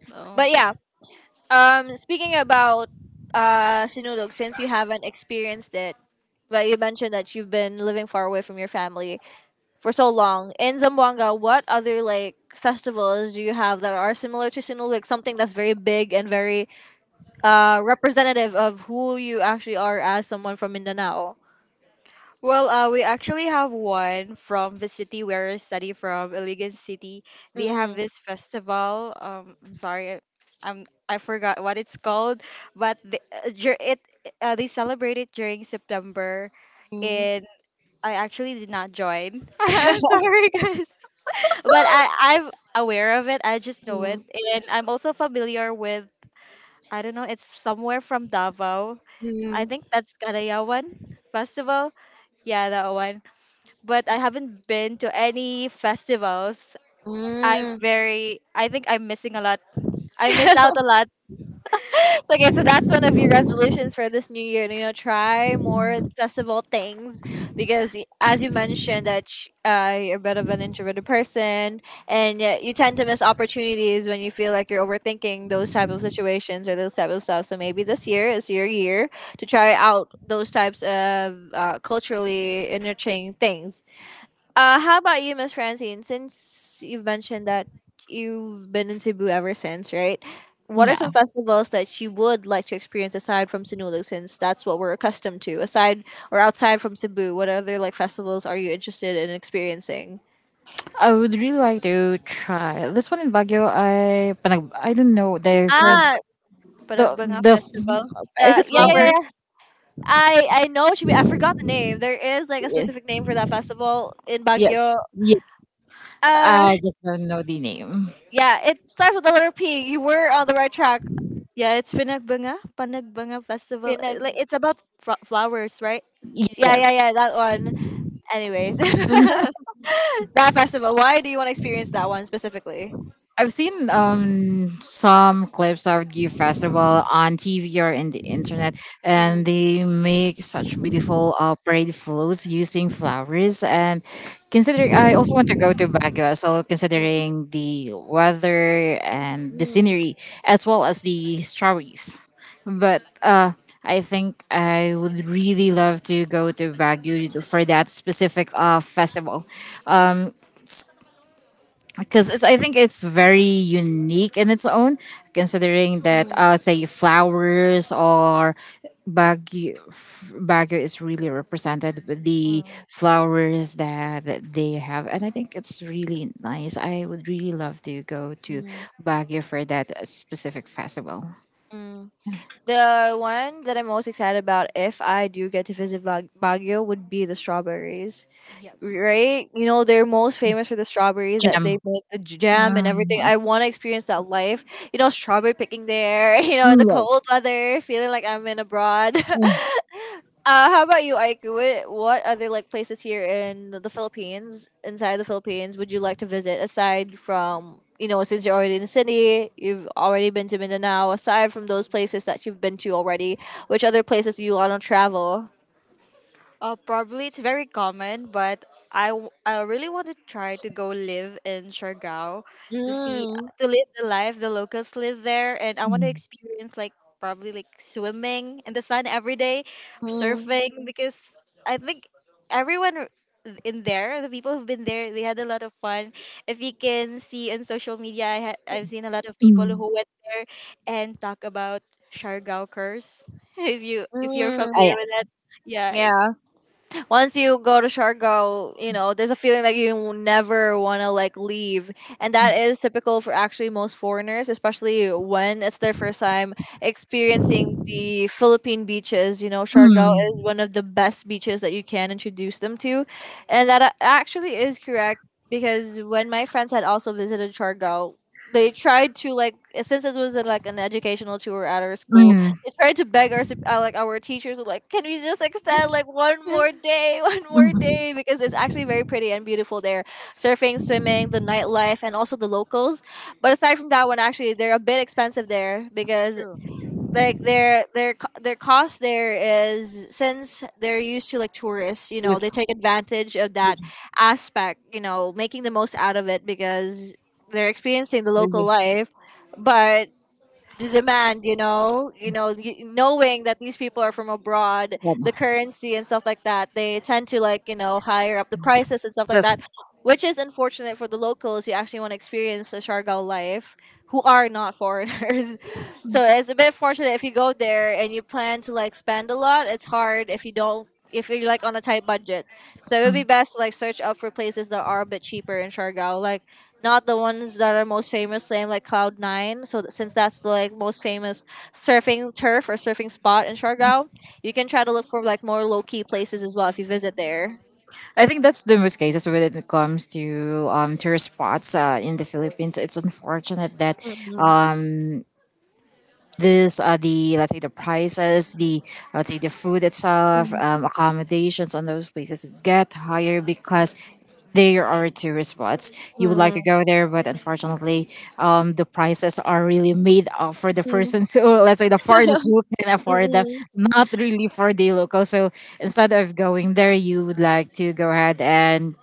[SPEAKER 3] Oh.
[SPEAKER 2] But yeah, speaking about Sinulog, since you haven't experienced it, but you mentioned that you've been living far away from your family for so long in Zamboanga, what other like festivals do you have that are similar to Sinulog? Like something that's very big and very representative of who you actually are as someone from Mindanao.
[SPEAKER 3] Well, we actually have one from the city where I study from, Iligan City. They have
[SPEAKER 2] Mm-mm.
[SPEAKER 3] this festival. I'm sorry, I'm I forgot what it's called, but the, dur- it they celebrate it during September,
[SPEAKER 2] Mm.
[SPEAKER 3] and I actually did not join. I'm sorry, guys. But I I'm aware of it. I just know it,
[SPEAKER 2] Mm.
[SPEAKER 3] and I'm also familiar with I don't know. It's somewhere from Davao. I
[SPEAKER 2] Mm.
[SPEAKER 3] think that's Karayawan Festival. Yeah, that one. But I haven't been to any festivals. I'm
[SPEAKER 2] Mm.
[SPEAKER 3] very. I think I'm missing a lot. I miss out a lot.
[SPEAKER 2] So, okay, so that's one of your resolutions for this new year. You know, try more
[SPEAKER 1] Mm.
[SPEAKER 2] accessible things because, as you mentioned, that you're a bit of an introverted person, and yet you tend to miss opportunities when you feel like you're overthinking those type of situations or those type of stuff. So maybe this year is your year to try out those types of culturally enriching things. How about you, Miss Francine? Since you've mentioned that you've been in Cebu ever since, right? What are
[SPEAKER 1] Yeah.
[SPEAKER 2] some festivals that you would like to experience aside from Sinulog, since that's what we're accustomed to? Aside or outside from Cebu, what other like festivals are you interested in experiencing?
[SPEAKER 1] I would really like to try this one in Baguio. I don't know the
[SPEAKER 3] Panag
[SPEAKER 1] for
[SPEAKER 2] Ah,
[SPEAKER 1] the
[SPEAKER 3] Panagbanga
[SPEAKER 1] the
[SPEAKER 3] Festival.
[SPEAKER 2] the
[SPEAKER 1] is
[SPEAKER 3] The
[SPEAKER 1] it
[SPEAKER 2] yeah, yeah, yeah,
[SPEAKER 3] flowers.
[SPEAKER 2] yeah. I know what you mean. I forgot the name. There is like a
[SPEAKER 1] Yes,
[SPEAKER 2] specific name for that festival in
[SPEAKER 1] yes,
[SPEAKER 2] Baguio.
[SPEAKER 1] yes.
[SPEAKER 2] Uh,
[SPEAKER 1] I just don't know the name.
[SPEAKER 2] yeah, it starts with the letter P. You were on the right track.
[SPEAKER 3] Yeah, it's Panagbanga Festival.
[SPEAKER 2] Pinag-
[SPEAKER 3] Like it's about flowers, right?
[SPEAKER 2] yeah, yeah,
[SPEAKER 1] Yes,
[SPEAKER 2] yeah, that one. Anyways, that festival. Why do you want to experience that one specifically?
[SPEAKER 1] I've seen some clips of the festival on TV or in the internet,
[SPEAKER 2] Mm,
[SPEAKER 1] and they make such beautiful parade floats using flowers. And considering, I also want to go to Baguio as well,
[SPEAKER 2] mm,
[SPEAKER 1] considering the weather and the
[SPEAKER 2] mm,
[SPEAKER 1] scenery, as well as the strawberries. But I think I would really love to go to Baguio for that specific festival. Um, because it's I think it's very unique in its own, considering that
[SPEAKER 2] mm,
[SPEAKER 1] let's say flowers or Baguio, Baguio is really represented with the
[SPEAKER 2] mm,
[SPEAKER 1] flowers that, that they have, and I think it's really nice. I would really love to go to
[SPEAKER 2] mm,
[SPEAKER 1] Baguio for that specific festival.
[SPEAKER 2] mm. The one that I'm most excited about, if I do get to visit Baguio, would be the strawberries.
[SPEAKER 1] Yes,
[SPEAKER 2] Right? You know, they're most famous for the strawberries that
[SPEAKER 1] gem.
[SPEAKER 2] they make the jam and everything.
[SPEAKER 1] Mm,
[SPEAKER 2] I want to experience that life. You know, strawberry picking there. You know, in the
[SPEAKER 1] mm, yes.
[SPEAKER 2] cold weather, feeling like I'm in abroad.
[SPEAKER 1] Mm,
[SPEAKER 2] How about you, Aiku? What are the like places here in the Philippines, inside the Philippines, would you like to visit aside from, you know, since you're already in the city, you've already been to Mindanao. Aside from those places that you've been to already, which other places do you want to travel?
[SPEAKER 3] Probably it's very common, but I really want to try to go live in Siargao to see
[SPEAKER 2] Mm,
[SPEAKER 3] to live the life the locals live there, and I want to
[SPEAKER 1] mm,
[SPEAKER 3] experience like probably like swimming in the sun every day,
[SPEAKER 2] mm,
[SPEAKER 3] surfing because I think everyone r- in there, the people who've been there, they had a lot of fun. If you can see on social media, I've seen a lot of people who
[SPEAKER 1] mm.
[SPEAKER 3] went there and talk about Siargao curse. If you if you're
[SPEAKER 1] Ah,
[SPEAKER 2] mm.
[SPEAKER 3] familiar with
[SPEAKER 1] yes.
[SPEAKER 3] that. Yeah, it's
[SPEAKER 2] Yeah, once you go to Siargao, you know, there's a feeling that you will never want to like leave. And that is typical for actually most foreigners, especially when it's their first time experiencing the Philippine beaches. You know, Siargao
[SPEAKER 1] Mm,
[SPEAKER 2] is one of the best beaches that you can introduce them to. And that actually is correct because when my friends had also visited Siargao, they tried to like, since this was like an educational tour at our school,
[SPEAKER 1] mm,
[SPEAKER 2] they tried to beg our like our teachers were like, can we just extend
[SPEAKER 3] Mm,
[SPEAKER 2] like one more day, one more
[SPEAKER 1] mm.
[SPEAKER 2] day, because it's actually very pretty and beautiful there: surfing, swimming, the nightlife, and also the locals. But aside from that one, actually they're a bit expensive there because
[SPEAKER 1] True.
[SPEAKER 2] like their cost there is, since they're used to like tourists, you know,
[SPEAKER 1] Yes.
[SPEAKER 2] they take advantage of that aspect, you know, making the most out of it because they're experiencing the local
[SPEAKER 1] Mhm.
[SPEAKER 2] life. But the demand, you know, you know, knowing that these people are from abroad, the currency and stuff like that, they tend to like, you know, higher up the prices and stuff like that,
[SPEAKER 1] Yes.
[SPEAKER 2] which is unfortunate for the locals who actually want to experience the Siargao life, who are not foreigners. So it's a bit fortunate if you go there and you plan to like spend a lot. It's hard if you don't, if you're like on a tight budget. So it would be best to like search up for places that are a bit cheaper in Siargao, like not the ones that are most famous named like Cloud Nine. So since that's the like most famous surfing turf or surfing spot in Siargao, you can try to look for like more low-key places as well if you visit there.
[SPEAKER 1] I think that's the most cases when it comes to tourist spots in the Philippines. It's unfortunate that um, this the let's say the prices, the let's say the food itself,
[SPEAKER 2] Mm,
[SPEAKER 1] accommodations on those places get higher because they are tourist spots.
[SPEAKER 2] mm,
[SPEAKER 1] You would like to
[SPEAKER 2] mm,
[SPEAKER 1] go there, but unfortunately, the prices are really made up for the
[SPEAKER 2] mm.
[SPEAKER 1] person. So let's say the foreigners who can afford them,
[SPEAKER 2] Mm,
[SPEAKER 1] not really for the local. So instead of going there, you would like to go ahead and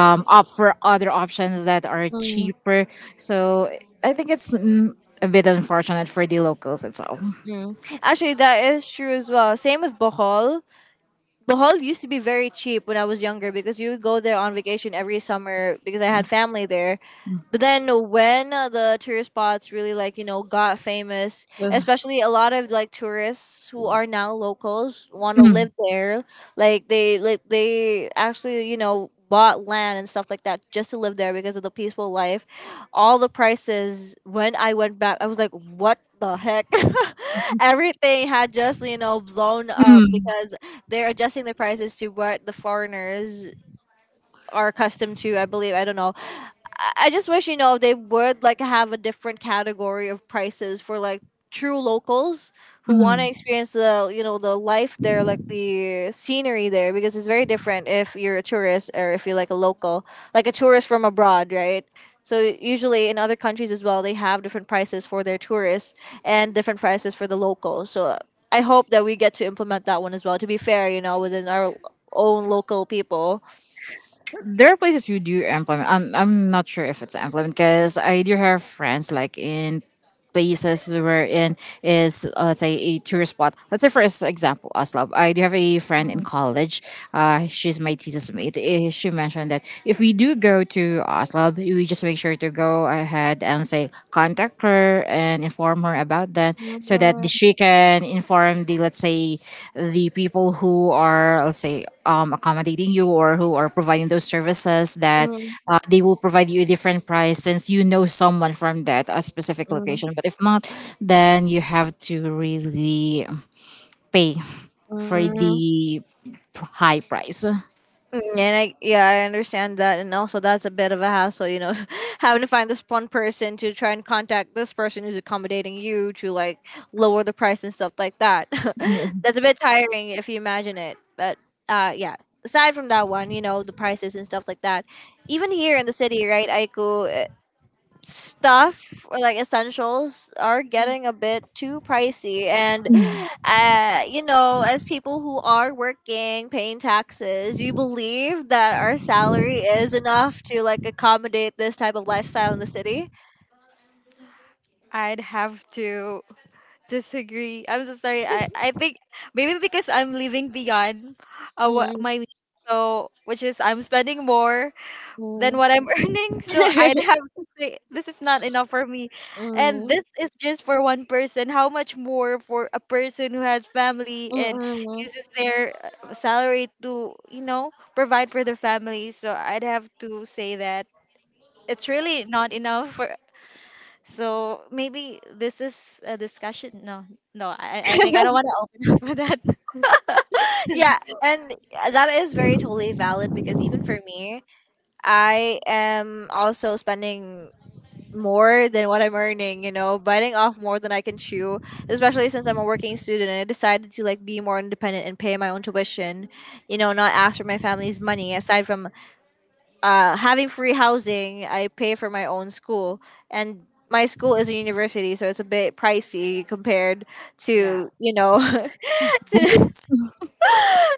[SPEAKER 1] opt for other options that are
[SPEAKER 2] mm,
[SPEAKER 1] cheaper. So I think it's a bit unfortunate for the locals itself.
[SPEAKER 2] mm. Actually, that is true as well. Same as Bohol. Bohol used to be very cheap when I was younger because you would go there on vacation every summer because I had family there. But then when the tourist spots really like, you know, got famous,
[SPEAKER 1] Well,
[SPEAKER 2] especially a lot of like tourists who are now locals want to
[SPEAKER 1] mm,
[SPEAKER 2] live there. They actually, you know, bought land and stuff like that just to live there because of the peaceful life. All the prices when I went back, I was like, "What the heck?" Everything had just, you know, blown up
[SPEAKER 1] mm,
[SPEAKER 2] because they're adjusting the prices to what the foreigners are accustomed to. I believe, I don't know. I just wish, you know, they would like have a different category of prices for like true locals who want to
[SPEAKER 1] mm.
[SPEAKER 2] experience the, you know, the life there, like the scenery there, because it's very different if you're a tourist or if you're like a local, like a tourist from abroad, right? So usually in other countries as well, they have different prices for their tourists and different prices for the locals. So I hope that we get to implement that one as well, to be fair, you know, within our own local people.
[SPEAKER 1] There are places who do implement. I'm not sure if it's implement because I do have friends like in places where in is let's say a tourist spot. Let's say for example, Oslo. I do have a friend in college. She's my thesis mate. Eh, she mentioned that if we do go to Oslo, we just make sure to go ahead and say contact her and inform her about that so that
[SPEAKER 2] Mm,
[SPEAKER 1] she can inform the let's say the people who are let's say accommodating you or who are providing those services that
[SPEAKER 2] mm,
[SPEAKER 1] they will provide you a different price since you know someone from that a specific
[SPEAKER 2] mm, mm.
[SPEAKER 1] location but if not then you have to really pay for the high price.
[SPEAKER 2] Mm, and I, yeah, I understand that, and also that's a bit of a hassle, you know, having to find this one person to try and contact this person who's accommodating you to like lower the price and stuff like that. That's a bit tiring if you imagine it. But yeah, aside from that one, you know, the prices and stuff like that. Even here in the city, right, Aiku? Stuff or like essentials are getting a bit too pricey, and
[SPEAKER 1] Mm.
[SPEAKER 2] you know, as people who are working, paying taxes, do you believe that our salary is enough to like accommodate this type of lifestyle in the city?
[SPEAKER 3] I'd have to disagree. I'm so sorry. I think maybe because I'm living beyond what
[SPEAKER 2] Mm,
[SPEAKER 3] my means, so which is I'm spending more than
[SPEAKER 2] mm,
[SPEAKER 3] what I'm earning. So I'd have to say this is not enough for me. And
[SPEAKER 2] mm,
[SPEAKER 3] this is just for one person. How much more for a person who has family
[SPEAKER 2] mm,
[SPEAKER 3] and
[SPEAKER 2] mm.
[SPEAKER 3] uses their salary to, you know, provide for their family. So I'd have to say that it's really not enough for. So maybe this is a discussion. No, no, I think I don't want to open up for that.
[SPEAKER 2] Yeah, and that is very totally valid because even for me, I am also spending more than what I'm earning, you know, biting off more than I can chew, especially since I'm a working student and I decided to like be more independent and pay my own tuition, you know, not ask for my family's money. Aside from having free housing, I pay for my own school. And my school is a university, so it's a bit pricey compared
[SPEAKER 1] Yeah.
[SPEAKER 2] to, you know, to.
[SPEAKER 1] Books.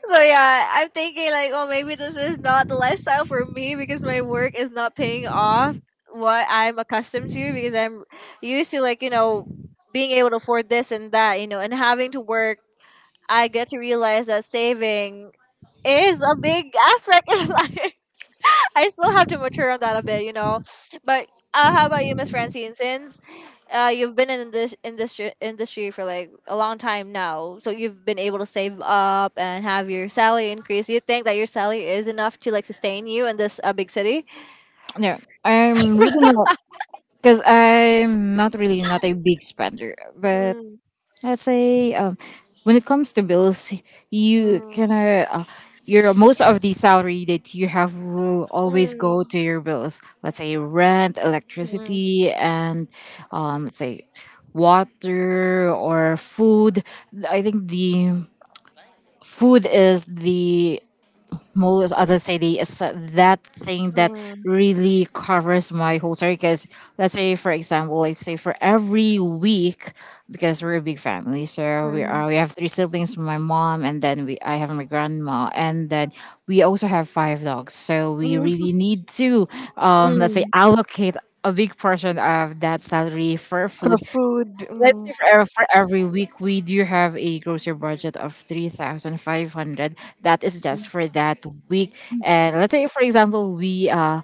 [SPEAKER 2] So yeah, I'm thinking like, oh, maybe this is not the lifestyle for me because my work is not paying off what I'm accustomed to because I'm used to like, you know, being able to afford this and that, you know, and having to work. I get to realize that saving is a big aspect in life. I still have to mature on that a bit, you know. But how about you, Miss Francine? Since you've been in this industry for like a long time now, so you've been able to save up and have your salary increase. Do you think that your salary is enough to like sustain you in this big city?
[SPEAKER 1] No, I'm really not because I'm not really not a big spender but
[SPEAKER 2] Mm,
[SPEAKER 1] I'd say when it comes to bills, you can
[SPEAKER 2] mm,
[SPEAKER 1] your most of the salary that you have will always go
[SPEAKER 2] mm,
[SPEAKER 1] to your bills. Let's say rent,
[SPEAKER 2] mm,
[SPEAKER 1] electricity, and let's say water or food. I think the food is the most other say the that thing that
[SPEAKER 2] mm,
[SPEAKER 1] really covers my whole story because let's say for example let's say for every week because we're a big family so
[SPEAKER 2] mm,
[SPEAKER 1] we have three siblings my mom and then we I have my grandma and then we also have five dogs so we
[SPEAKER 2] mm,
[SPEAKER 1] really need to let's say
[SPEAKER 2] mm.
[SPEAKER 1] allocate a big portion of that salary for
[SPEAKER 2] For
[SPEAKER 1] food.
[SPEAKER 2] food,
[SPEAKER 1] Let's
[SPEAKER 2] mm,
[SPEAKER 1] say for, for every week we do have a grocery budget of 3,500. That is just for that week and let's say for example we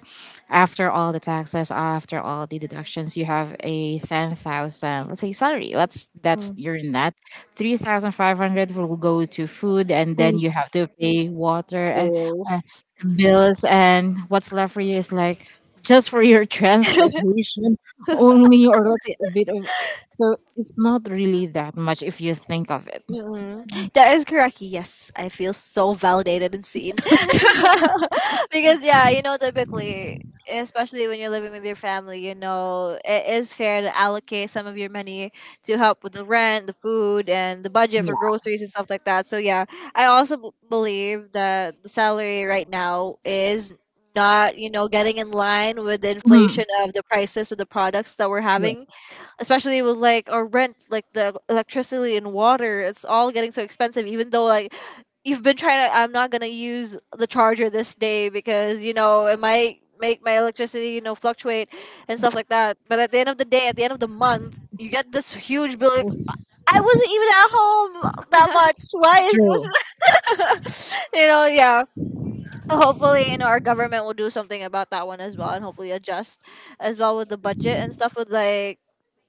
[SPEAKER 1] after all the taxes after all the deductions you have a 10,000 let's say salary. That's
[SPEAKER 2] mm,
[SPEAKER 1] your net 3,500 will go to food and then
[SPEAKER 2] food
[SPEAKER 1] you have to pay water and uh,
[SPEAKER 2] bills.
[SPEAKER 1] bills and what's left for you is like just for your transportation only or let's say a bit of so it's not really that much if you think of it.
[SPEAKER 2] Mm-mm. That is correct. Yes, I feel so validated and seen. Because yeah, you know, typically, especially when you're living with your family, you know, it is fair to allocate some of your money to help with the rent, the food, and the budget for
[SPEAKER 1] Yeah.
[SPEAKER 2] groceries and stuff like that. So yeah, I also believe that the salary right now is not, you know, getting in line with the
[SPEAKER 1] Mhm.
[SPEAKER 2] inflation of the prices with the products that we're
[SPEAKER 1] True.
[SPEAKER 2] having, especially with like our rent, like the electricity and water. It's all getting so expensive. Even though like you've been trying to, I'm not gonna use the charger this day because you know it might make my electricity, you know, fluctuate and stuff like that. But at the end of the day, at the end of the month, you get this huge bill. Like,
[SPEAKER 1] So-
[SPEAKER 2] I wasn't even at home that much. Why is
[SPEAKER 1] True.
[SPEAKER 2] this? You know, yeah, hopefully, you know, our government will do something about that one as well and hopefully adjust as well with the budget and stuff with like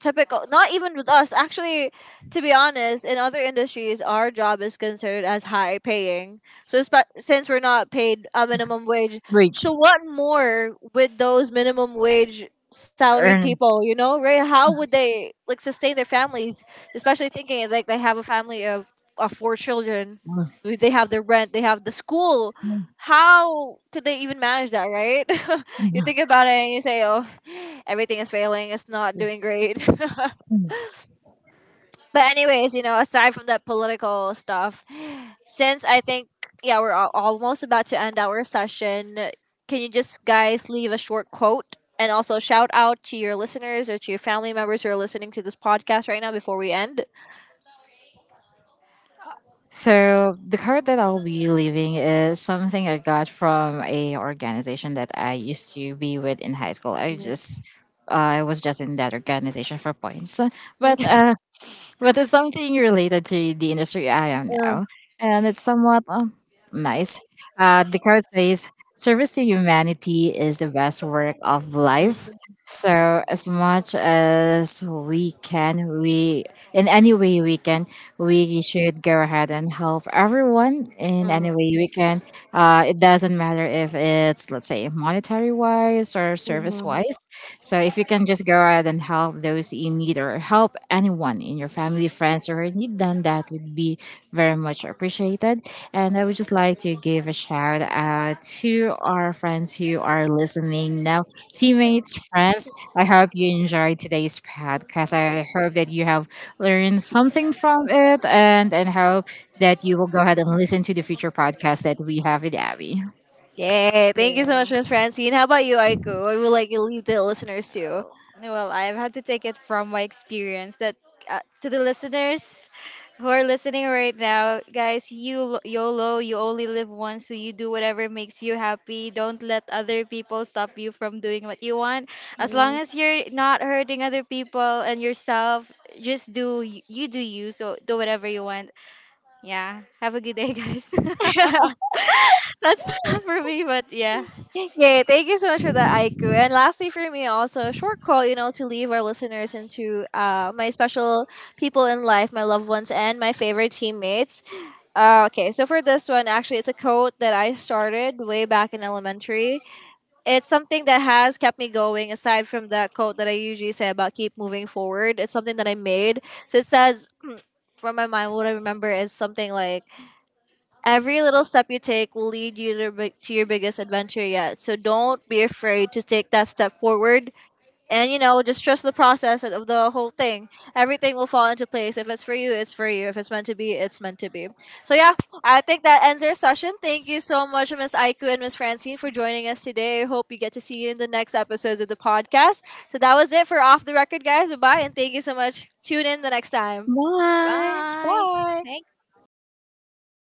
[SPEAKER 2] typical, not even with us actually, to be honest, in other industries our job is considered as high paying. So since we're not paid a minimum wage,
[SPEAKER 1] Rich.
[SPEAKER 2] so what more with those minimum wage salaried
[SPEAKER 1] Earnest.
[SPEAKER 2] people, you know, right? How would they like sustain their families, especially thinking like they have a family of four children, they have their rent, they have the school, how could they even manage that, right? You think about it and you say, oh, everything is failing, it's not doing great. But, anyways, you know, aside from that political stuff, since I think, yeah, we're almost about to end our session, can you just guys leave a short quote? And also shout out to your listeners or to your family members who are listening to this podcast right now before we end.
[SPEAKER 1] So the card that I'll be leaving is something I got from a organization that I used to be with in high school.
[SPEAKER 2] Mm,
[SPEAKER 1] I was just in that organization for points, but uh, but it's something related to the industry I am now, and it's somewhat nice. The card says, "Service to humanity is the best work of life."
[SPEAKER 2] mm,
[SPEAKER 1] So as much as we can, we in any way we can we should go ahead and help everyone in
[SPEAKER 2] mm,
[SPEAKER 1] any way we can. It doesn't matter if it's, let's say, monetary wise or service
[SPEAKER 2] mm.
[SPEAKER 1] wise. So if you can just go ahead and help those in need or help anyone in your family, friends, or in need, then that would be very much appreciated. And I would just like to give a shout out to our friends who are listening now, teammates, friends. I hope you enjoyed today's podcast. I hope that you have learn something from it, and hope that you will go ahead and listen to the future podcast that we have with Abby.
[SPEAKER 2] Yay. Thank you so
[SPEAKER 3] Yeah.
[SPEAKER 2] much, Miss Francine. How about you, Aiku? I would like to leave the listeners too.
[SPEAKER 3] Oh, well, I've had to take it from my experience that to the listeners who are listening right now, guys, YOLO, you only live once, so you do whatever makes you happy. Don't let other people stop you from doing what you want. As long
[SPEAKER 2] Mm.
[SPEAKER 3] as you're not hurting other people and yourself, just do you do you. So do whatever you want. Yeah. Have a good day, guys. That's not for me, but yeah.
[SPEAKER 2] Yay. Thank you so much for that, Aiku. And lastly, for me, also a short quote, you know, to leave our listeners into my special people in life, my loved ones, and my favorite teammates. Okay. So for this one, actually, it's a quote that I started way back in elementary. It's something that has kept me going, aside from that quote that I usually say about keep moving forward. It's something that I made. So it says, from my mind, what I remember is something like, every little step you take will lead you to, to your biggest adventure yet. So don't be afraid to take that step forward. And, you know, just trust the process of the whole thing. Everything will fall into place. If it's for you, it's for you. If it's meant to be, it's meant to be. So, yeah, I think that ends our session. Thank you so much, Miss Aiku and Miss Francine, for joining us today. I hope we get to see you in the next episodes of the podcast. So, that was it for Off the Record, guys. Bye bye. And thank you so much. Tune in the next time.
[SPEAKER 1] Bye.
[SPEAKER 3] Bye.
[SPEAKER 2] Bye.
[SPEAKER 3] Thank